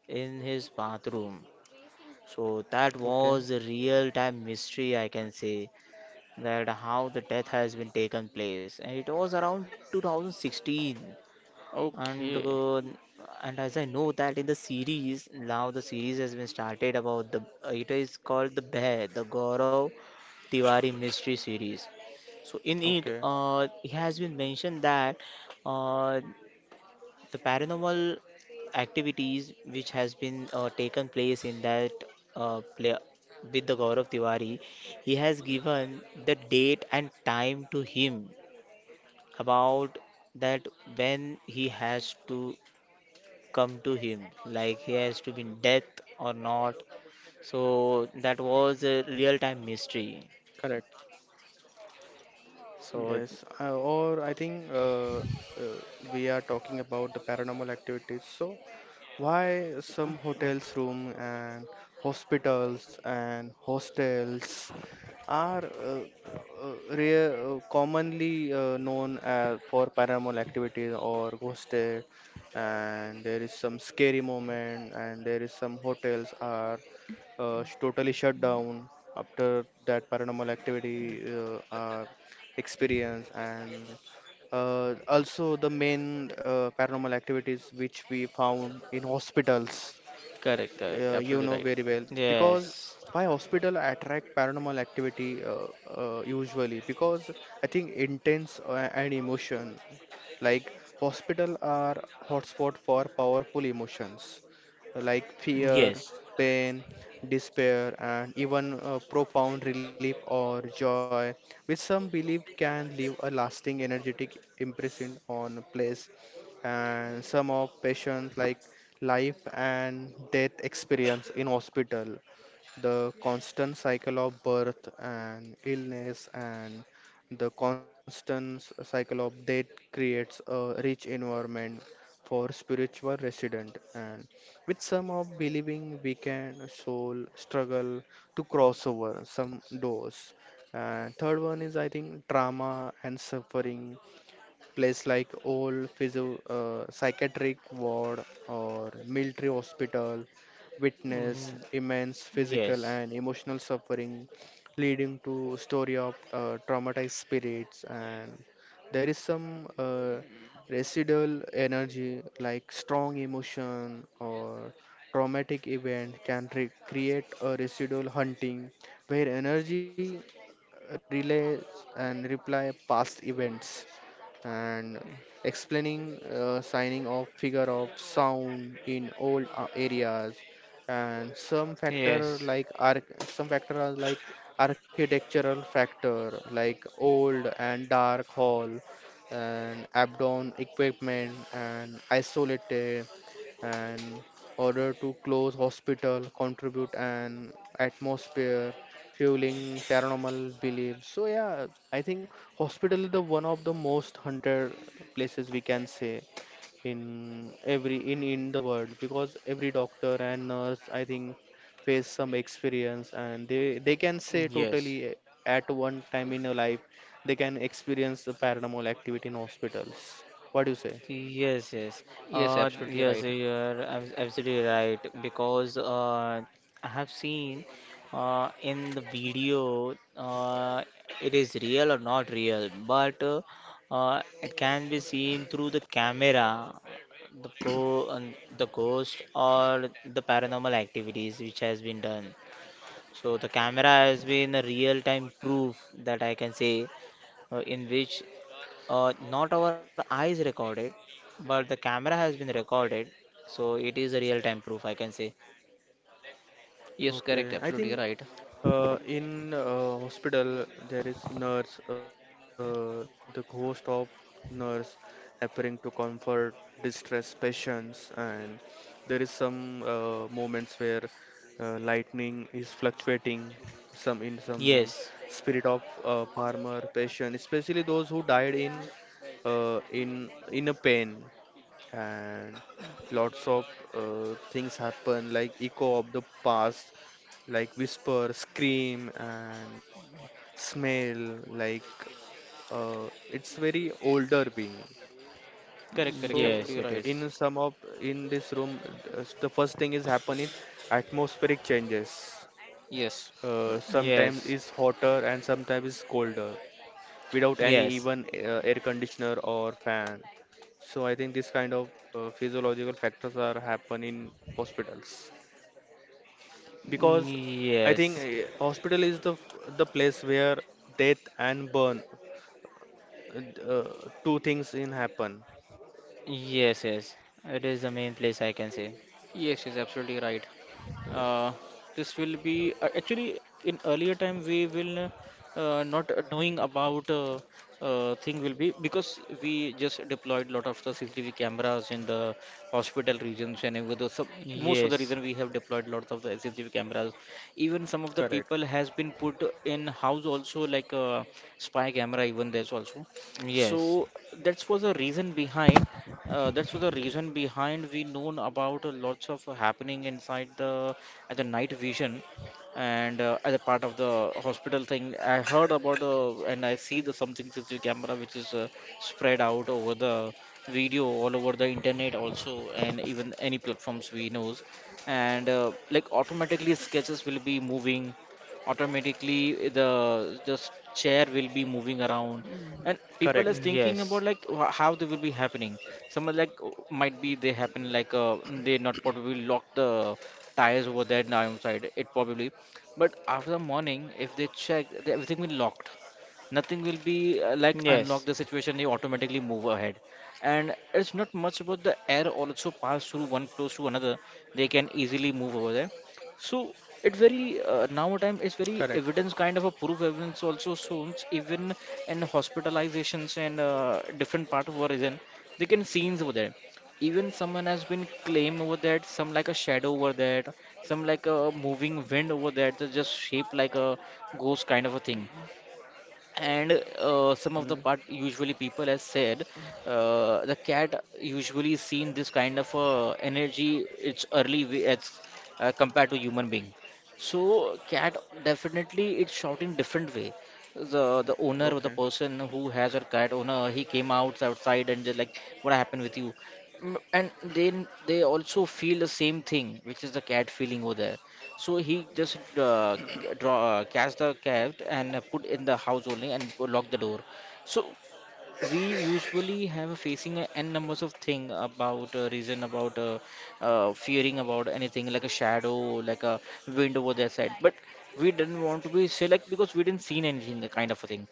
Speaker 3: in his bathroom. So that
Speaker 2: okay,
Speaker 3: was a real time mystery, I can say, that how the death has been taken place. And it was around 2016. And
Speaker 1: Okay.
Speaker 3: uh, and as I know that in the series, now the series has been started about the, it is called the Bear, the Gaurav Tiwari mystery series. So in it,
Speaker 2: okay.
Speaker 3: it has been mentioned that uh, the paranormal activities which has been taken place in that play with the Gaurav Tiwari, he has given the date and time to him, about that, when he has to come to him, like he has to be in death or not. So that was a real time
Speaker 2: Correct.
Speaker 3: mystery.
Speaker 2: Yes, uh,
Speaker 3: So
Speaker 2: or I think we are talking about the paranormal activities. So, why some hotels room and hospitals and hostels are rare, commonly known as for paranormal activities or ghosted. And there is some scary moment, and there is some hotels are totally shut down after that paranormal activity experience. And also, the main paranormal activities which we found in hospitals,
Speaker 1: Correct, correct.
Speaker 2: you
Speaker 1: Absolutely
Speaker 2: know
Speaker 1: right.
Speaker 2: very well.
Speaker 3: yes,
Speaker 2: Because why hospital attract paranormal activity usually because I think intense and emotion, like hospital are hotspot for powerful emotions like fear,
Speaker 3: yes.
Speaker 2: pain, despair, and even profound relief or joy, which some believe can leave a lasting energetic impression on place. And some of patients like life and death experience in hospital, the constant cycle of birth and illness and cycle of death creates a rich environment for spiritual resident, and with some of believing we can soul struggle to cross over some doors. And third one is, I think, trauma and suffering. Place like old physio, psychiatric ward or military hospital
Speaker 3: Mm,
Speaker 2: witness
Speaker 3: yes,
Speaker 2: immense physical and emotional suffering, leading to story of traumatized spirits. And there is some residual energy, like strong emotion or traumatic event can create a residual hunting where energy relays and reply past events, and explaining signing of figure of sound in old areas. And some factor
Speaker 3: yes,
Speaker 2: like some factor are like architectural factor like old and dark hall and abdomen equipment and isolated, and order to close hospital contribute an atmosphere fueling paranormal beliefs. So yeah, I think hospital is the one of the most hunted places we can say in every in the world, because every doctor and nurse, I think, face some experience and they can say
Speaker 3: yes.
Speaker 2: totally at one time in a life they can experience the paranormal activity in hospitals. What do you say?
Speaker 3: Yes, yes.
Speaker 1: Yes, absolutely
Speaker 3: Yes,
Speaker 1: right.
Speaker 3: you're absolutely right, because I have seen in the video, it is real or not real, but it can be seen through the camera, the go and the ghost or the paranormal activities which has been done. So the camera has been a real-time proof, that I can say in which not our eyes recorded, but the camera has been recorded. So it is a real time proof, I can say.
Speaker 1: Yes,
Speaker 2: Okay,
Speaker 1: correct.
Speaker 2: I think,
Speaker 1: Absolutely right.
Speaker 2: In hospital, there is nurse, the ghost of nurse appearing to comfort distressed patients. And there is some moments where lightning is fluctuating. Some in some room,
Speaker 3: Yes,
Speaker 2: spirit of farmer patient, especially those who died in in a pain. And lots of things happen like echo of the past, like whisper scream and smell like it's very older being. So
Speaker 1: Correct, correct.
Speaker 3: yes,
Speaker 1: Absolutely
Speaker 3: it
Speaker 2: in
Speaker 1: right.
Speaker 3: is.
Speaker 2: some of in this room, the first thing is happening atmospheric changes.
Speaker 1: Yes.
Speaker 2: Sometimes
Speaker 3: Yes,
Speaker 2: it's hotter and sometimes it's colder without any
Speaker 3: yes,
Speaker 2: even air conditioner or fan. So I think this kind of physiological factors are happen in hospitals, because I
Speaker 3: yes,
Speaker 2: think hospital is the place where death and burn, uh, two things in happen.
Speaker 3: yes, yes. It is the main place, I can say.
Speaker 1: Yes, yes, absolutely right.
Speaker 2: Yes,
Speaker 1: Uh, this will be actually in earlier time we will not knowing about thing will be because we just deployed lot of the CCTV cameras in the hospital regions, and with the sub, most of the
Speaker 3: Yes,
Speaker 1: reason we have deployed lots of the CCTV cameras. Even some of the
Speaker 2: correct,
Speaker 1: people has been put in house also like a spy camera even there's also.
Speaker 3: yes,
Speaker 1: So that was the reason behind that's for the reason behind we known about lots of happening inside the at the night vision. And as a part of the hospital thing I heard about and I see the something CCTV camera which is spread out over the video all over the internet also and even any platforms we knows. And like automatically sketches will be moving, automatically the chair will be moving around, and people is
Speaker 2: correct,
Speaker 3: yes, yes,
Speaker 1: thinking about like how they will be happening. Someone like oh, might be they happen like they not probably lock the tires over there now outside it probably, but after the morning if they check the- everything will locked, nothing will be like
Speaker 3: yes,
Speaker 1: unlock the situation they automatically move ahead. And it's not much about the air also pass through one close to another, they can easily move over there. So it very now
Speaker 2: correct.
Speaker 1: time it's very evidence kind of a proof, evidence also shows even in hospitalizations and different part of origin they can scenes over there. Even someone has been claim over that some like a shadow over that, some like a moving wind over that that just shape like a ghost kind of a thing. And
Speaker 2: Hmm.
Speaker 1: some of the part usually people has said the cat usually seen this kind of energy, it's early way as compared to human being. So cat definitely it's shouting different way, the owner
Speaker 2: Okay,
Speaker 1: or the person who has a cat owner he came out outside and just like what happened with you. Mm, and then they also feel the same thing which is the cat feeling over there. So he just catch the cat and put in the house only and go lock the door. So we usually have a facing a n numbers of thing about reason about fearing about anything like a shadow, like a wind over their side, but we didn't want to be say like because we didn't seen anything kind of a thing.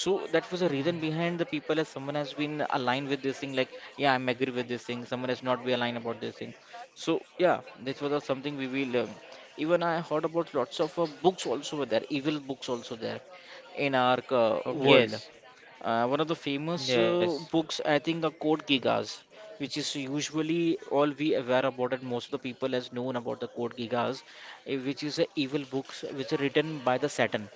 Speaker 1: So that was the reason behind the people as someone has been aligned with this thing like yeah I'm agree with this thing, someone has not be aligned about this thing. So yeah, this was something we will even I heard about lots of books also were there, evil books also there in our
Speaker 2: okay,
Speaker 1: world.
Speaker 3: yes,
Speaker 1: One of the famous books, I think, are Code Geass, which is usually all we aware about it. Most of the people has known about the Code Geass, eh, which is a evil books which are written by the Satan.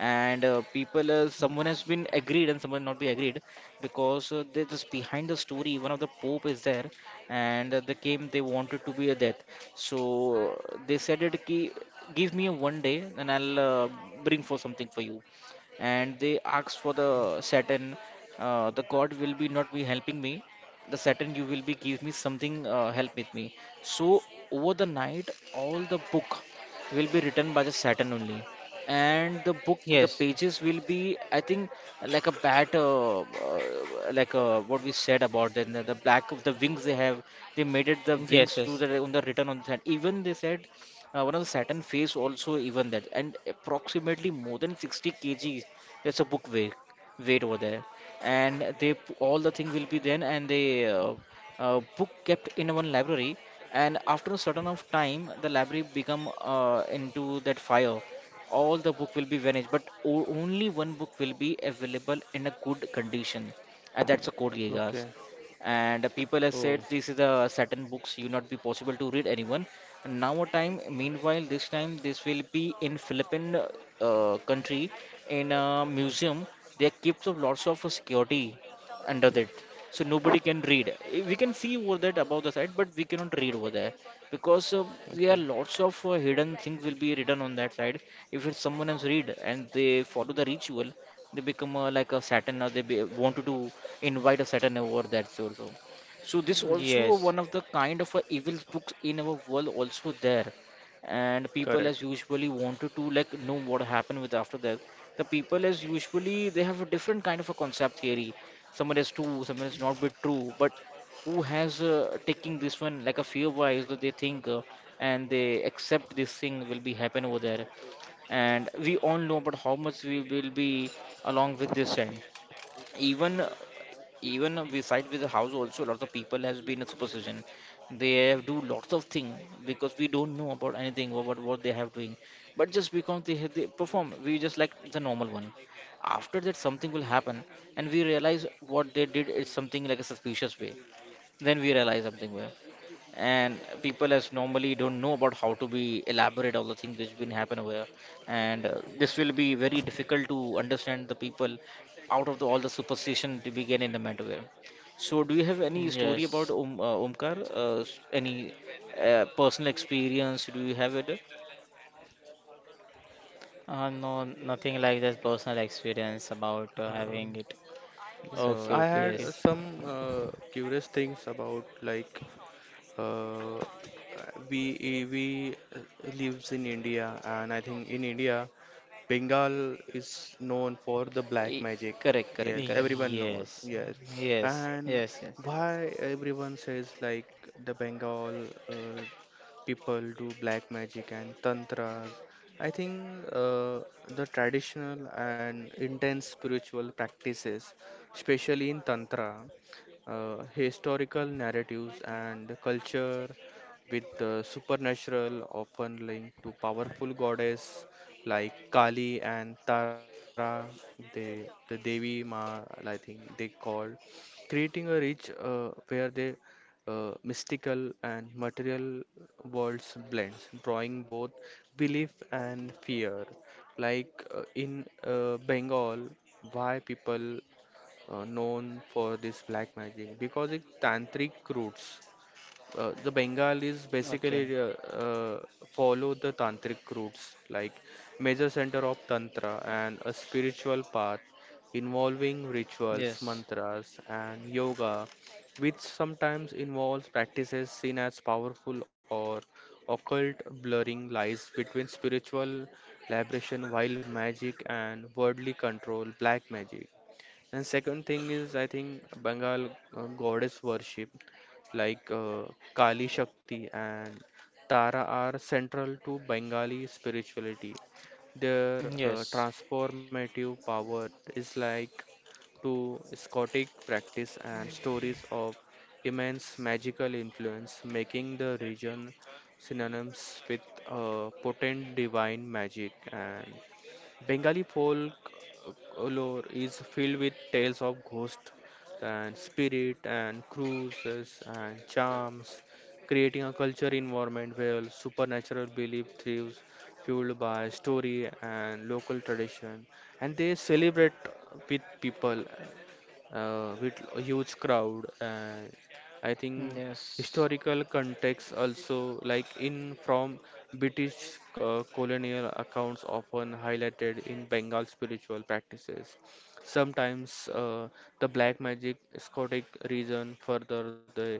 Speaker 1: And people someone has been agreed and someone not be agreed because they just behind the story one of the pope is there, and they came they wanted to be a death. So they said it ki, give me a one day and I'll bring for something for you. And they asked for the Saturn, the god will be not be helping me, the Saturn you will be give me something help with me. So over the night all the book will be written by the Saturn only, and the book the
Speaker 3: yes,
Speaker 1: pages will be I think like a bat what we said about then the black of the wings they have, they made it the wings to
Speaker 3: yes,
Speaker 1: the on the written on the sand even they said one of the Saturn face also even that, and approximately more than 60 kg that's a book weight weight over there. And they all the thing will be then, and they book kept in one library. And after a certain of time the library become into that fire, all the book will be vanished but only one book will be available in a good condition, and that's a Code Geass.
Speaker 2: okay.
Speaker 1: And the people have said
Speaker 2: Oh.
Speaker 1: this is the certain books you not be possible to read anyone. And now a time meanwhile this time this will be in Philippine country, in a museum they keep of lots of security under that. So nobody can read. Eh, we can see over that above the side but we cannot read over there because there are
Speaker 2: Okay,
Speaker 1: lots of hidden things will be written on that side. If it's someone else read and they follow the ritual they become like a Satan or they be, wanted to invite a Satan over that sort so so this also
Speaker 3: yes,
Speaker 1: one of the kind of evil books in our world also there. And
Speaker 2: correct.
Speaker 1: people as usually wanted to like know what happened with after that. The people as usually they have a different kind of a concept theory, someone is true someone is not be true. But who has taking this one like a fear wise that they think and they accept this thing will be happen over there. And we all know about how much we will be along with this end. Even even beside with the house also a lot of people has been in superstition. They have do lots of thing because we don't know about anything about what they have doing. But just because they perform we just like the normal one, after that something will happen and we realize what they did is something like a suspicious way. Then we realize something where, and people as normally don't know about how to be elaborate all the things which been happen over here. And this will be very difficult to understand the people out of all the superstition to begin in the matter where. So do you have
Speaker 3: yes,
Speaker 1: any story
Speaker 3: yes.
Speaker 1: about any personal experience do you have it?
Speaker 3: No, nothing like that personal experience about having it.
Speaker 2: Um,
Speaker 3: So,
Speaker 2: yes,
Speaker 1: Okay,
Speaker 2: I
Speaker 1: okay,
Speaker 3: yes,
Speaker 2: had
Speaker 1: okay.
Speaker 2: some curious things about, like, Uh, we lives in India, and I think in India, Bengal is known for the black
Speaker 1: E-
Speaker 2: magic.
Speaker 1: Correct, correct,
Speaker 2: Yes,
Speaker 1: correct.
Speaker 2: everyone
Speaker 3: yes,
Speaker 2: knows. Yes,
Speaker 3: yes, yes,
Speaker 2: and
Speaker 3: yes.
Speaker 2: why everyone says like the Bengal people do black magic and tantras. I think uh, the traditional and intense spiritual practices, especially in tantra, historical narratives and the culture with the supernatural often linked to powerful goddess like Kali and Tara, they, the Devi Ma, I think they call, creating a rich where the mystical and material worlds blends, drawing both belief and fear. Like in Bengal, why people known for this black magic, because it tantric roots. The Bengalis
Speaker 3: Okay,
Speaker 2: basically follow the tantric roots, like major center of tantra and a spiritual path involving
Speaker 3: yes,
Speaker 2: rituals, mantras, and yoga, which sometimes involves practices seen as powerful or occult, blurring lies between spiritual liberation while magic and worldly control, black magic. And second thing is, I think, Bengal goddess worship, like Kali Shakti and Tara, are central to Bengali spirituality. Their
Speaker 3: yes,
Speaker 2: transformative power is like to Scottic practice and stories of immense magical influence, making the region synonymous with potent divine magic. And Bengali folklore is filled with tales of ghosts and spirit and cruises and charms, creating a culture environment where supernatural belief thrives, fueled by story and local tradition. And they celebrate with people, with a huge crowd. And I think
Speaker 3: yes,
Speaker 2: historical context also, like in from British colonial accounts often highlighted in Bengal spiritual practices, sometimes uh, the black magic scotic region. Further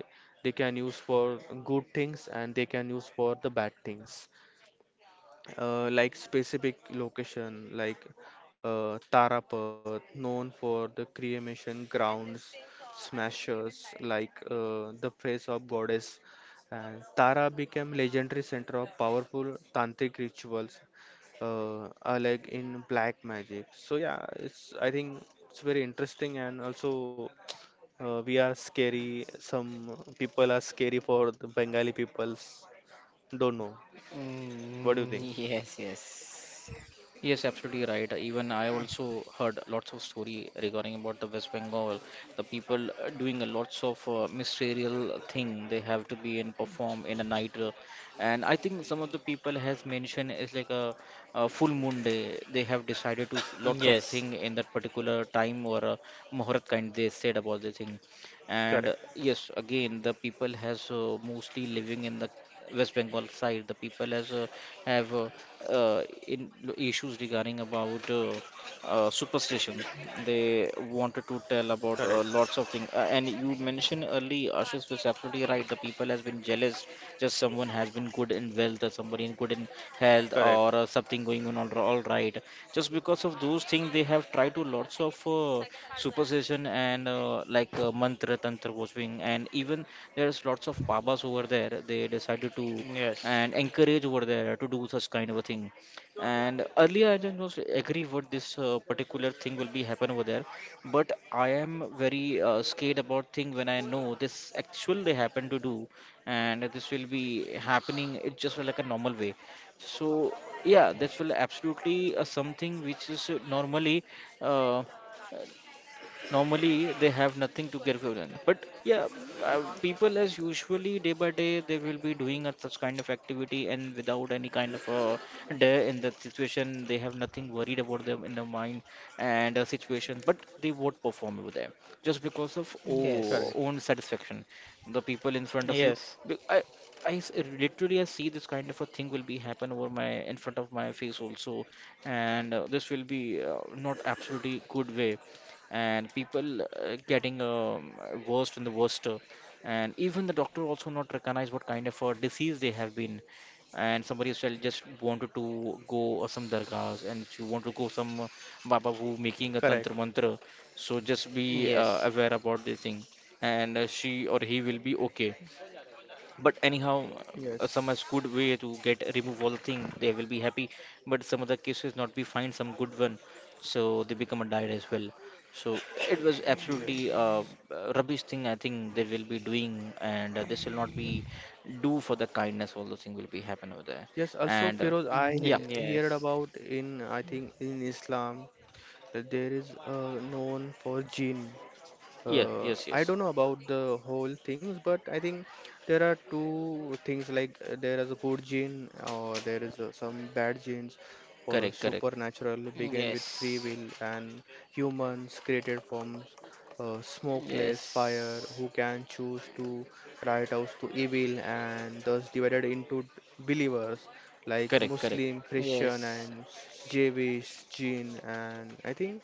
Speaker 2: they can use for good things and they can use for the bad things. Like specific location like Tarapat, known for the cremation grounds, smashers like the face of goddess. And Tara became legendary center of powerful tantric rituals, like in black magic. So yeah, it's, I think, it's very interesting. And also we are scary. Some people are scary for the Bengali peoples. Don't know. What do you
Speaker 3: mm,
Speaker 2: think?
Speaker 3: yes, yes,
Speaker 1: Yes, absolutely right. Even I also heard lots of story regarding about the West Bengal, the people doing a lots of ministerial thing they have to be and perform in a night, and I think some of the people has mentioned it's like a full moon day. They have decided to lots
Speaker 3: yes,
Speaker 1: of thing in that particular time or a muhurat kind they said about the thing. And
Speaker 2: Correct.
Speaker 1: yes, again the people has mostly living in the West Bengal side, the people has have in issues regarding about superstitions. They wanted to tell
Speaker 2: Correct.
Speaker 1: about lots of things. And you mentioned early, Ashish was absolutely right. The people has been jealous. Just someone has been good in wealth, or somebody in good in health,
Speaker 2: Correct,
Speaker 1: or something going on all right. Just because of those things, they have tried to lots of superstition and like mantra, tantra worshipping, and even there's lots of babas over there. They decided to
Speaker 3: yes,
Speaker 1: and encourage over there to do such kind of a thing. And earlier I don't most agree what this particular thing will be happen over there, but I am very scared about thing when I know this actually they happen to do. And this will be happening it's just like a normal way. So yeah, this will absolutely something which is normally uh, normally they have nothing to get give given. But yeah, uh, people as usually day by day they will be doing a, such kind of activity and without any kind of day in that situation they have nothing worried about them in their mind and situation but they won't perform over there just because of
Speaker 2: correct,
Speaker 3: yes,
Speaker 1: oh, own satisfaction, the people in front of you.
Speaker 3: yes,
Speaker 1: be- I, I s- Literally I see this kind of a thing will be happen over my in front of my face also. And this will be not absolutely good way, and people getting worse and the worst and even the doctor also not recognize what kind of a disease they have been. And somebody else shall just wanted to go or some dargahs and you want to go some baba who making a
Speaker 2: correct.
Speaker 1: tantra mantra. So just be
Speaker 3: yes,
Speaker 1: aware about this thing, and she or he will be okay. But anyhow, some is
Speaker 2: Yes,
Speaker 1: good way to get remove all thing. They will be happy. But some other cases not be find some good one, so they become a diet as well. So it was absolutely
Speaker 2: yes,
Speaker 1: rubbish thing I think they will be doing, and this will not be do for the kindness. All those things will be happen over there.
Speaker 2: yes. Also,
Speaker 1: And
Speaker 2: Feroz, I
Speaker 3: mm,
Speaker 1: yeah,
Speaker 2: heard
Speaker 3: yes,
Speaker 2: about in, I think in Islam, that there is a known for jinn.
Speaker 1: yeah, yes,
Speaker 2: I
Speaker 1: yes,
Speaker 2: don't know about the whole things, but I think there are two things like, there is a good gene or there is some bad genes for
Speaker 1: correct, correct,
Speaker 2: supernatural begin with free
Speaker 3: yes,
Speaker 2: will. And humans created from smokeless
Speaker 3: yes,
Speaker 2: fire who can choose to right out to evil, and thus divided into believers like
Speaker 1: correct, correct,
Speaker 2: Muslim, Christian
Speaker 3: yes,
Speaker 2: and Jewish, Jain. And I think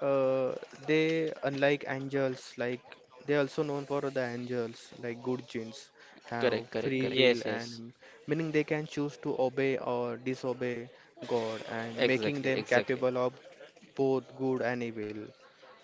Speaker 2: uh, they, unlike angels, like they also known for the angels, like good genes, have
Speaker 1: correct, correct,
Speaker 2: free
Speaker 3: yes,
Speaker 1: correct.
Speaker 2: will
Speaker 3: yes,
Speaker 2: and meaning they can choose to obey or disobey God, and making
Speaker 1: Exactly,
Speaker 2: them
Speaker 1: exactly.
Speaker 2: capable of both good and evil.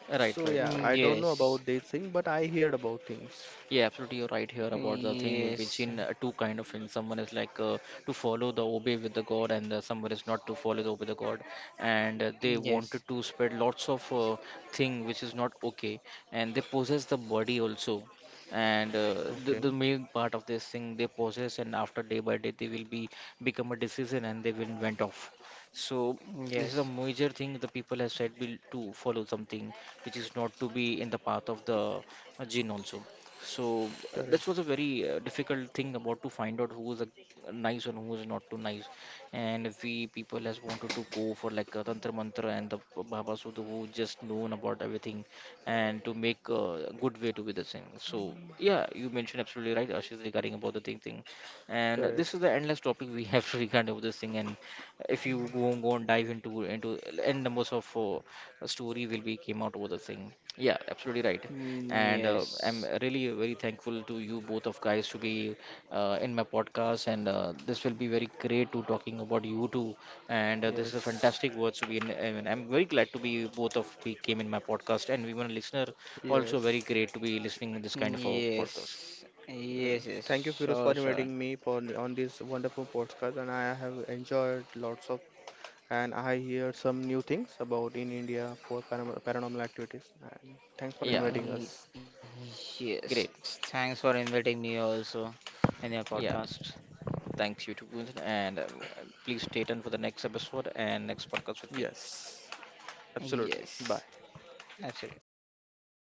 Speaker 1: Right,
Speaker 2: So
Speaker 1: right,
Speaker 2: yeah,
Speaker 3: mm,
Speaker 1: right.
Speaker 2: I don't know
Speaker 3: yes.
Speaker 2: about this thing, but I heard about things.
Speaker 1: Yeah, absolutely, you're right here about the thing will be
Speaker 3: Yes,
Speaker 1: Jin, two kind of things. Someone is like to follow the obey with the God, and someone is not to follow the obey the God. And they
Speaker 3: yes,
Speaker 1: wanted to spread lots of thing which is not okay, and they possess the body also. And uh,
Speaker 2: Okay,
Speaker 1: the, the main part of this thing they possess, and after day by day they will be become a decision, and they will went off. So this is a
Speaker 3: yes,
Speaker 1: major thing the people have said will to follow something which is not to be in the path of the jinn also. So that
Speaker 2: correct,
Speaker 1: was a very difficult thing about to find out who was a nice and who was not too nice. And we people has wanted to go for like a tantra mantra and the Baba Sudha who just known about everything and to make a good way to be the thing. So
Speaker 3: yes,
Speaker 1: yeah, you mentioned absolutely right, Ashish, regarding about the thing. And this is the
Speaker 2: correct.
Speaker 1: endless topic we have regarding about this thing. And if you go and go and dive into n numbers of story will be came out over the thing. Yeah, absolutely right. And I'm really very thankful to you both of guys to be in my podcast, and this will be very great to talking about you two. And this is a fantastic
Speaker 2: Yes,
Speaker 1: words to be in, and I'm very glad to be both of we came in my podcast, and we were a listener also very
Speaker 2: yes.
Speaker 1: great to be listening this kind of a podcast.
Speaker 3: yes,
Speaker 2: Yes.
Speaker 3: yes,
Speaker 2: Thank you,
Speaker 3: yes,
Speaker 2: Firoz, for
Speaker 3: sure,
Speaker 2: inviting me
Speaker 3: sure.
Speaker 2: for on this wonderful podcast. And I have enjoyed lots of, and I hear some new things about in India for paranormal, paranormal activities. And thanks for
Speaker 1: Yeah,
Speaker 2: inviting us.
Speaker 3: Y-
Speaker 1: great.
Speaker 3: Yes, thanks for inviting me also in your
Speaker 1: Yeah,
Speaker 3: podcast.
Speaker 1: thanks you too, Gunther, and please stay tuned for the next episode and next podcast with me.
Speaker 2: Yes, absolutely. Bye.
Speaker 3: Yes, absolutely. Bye.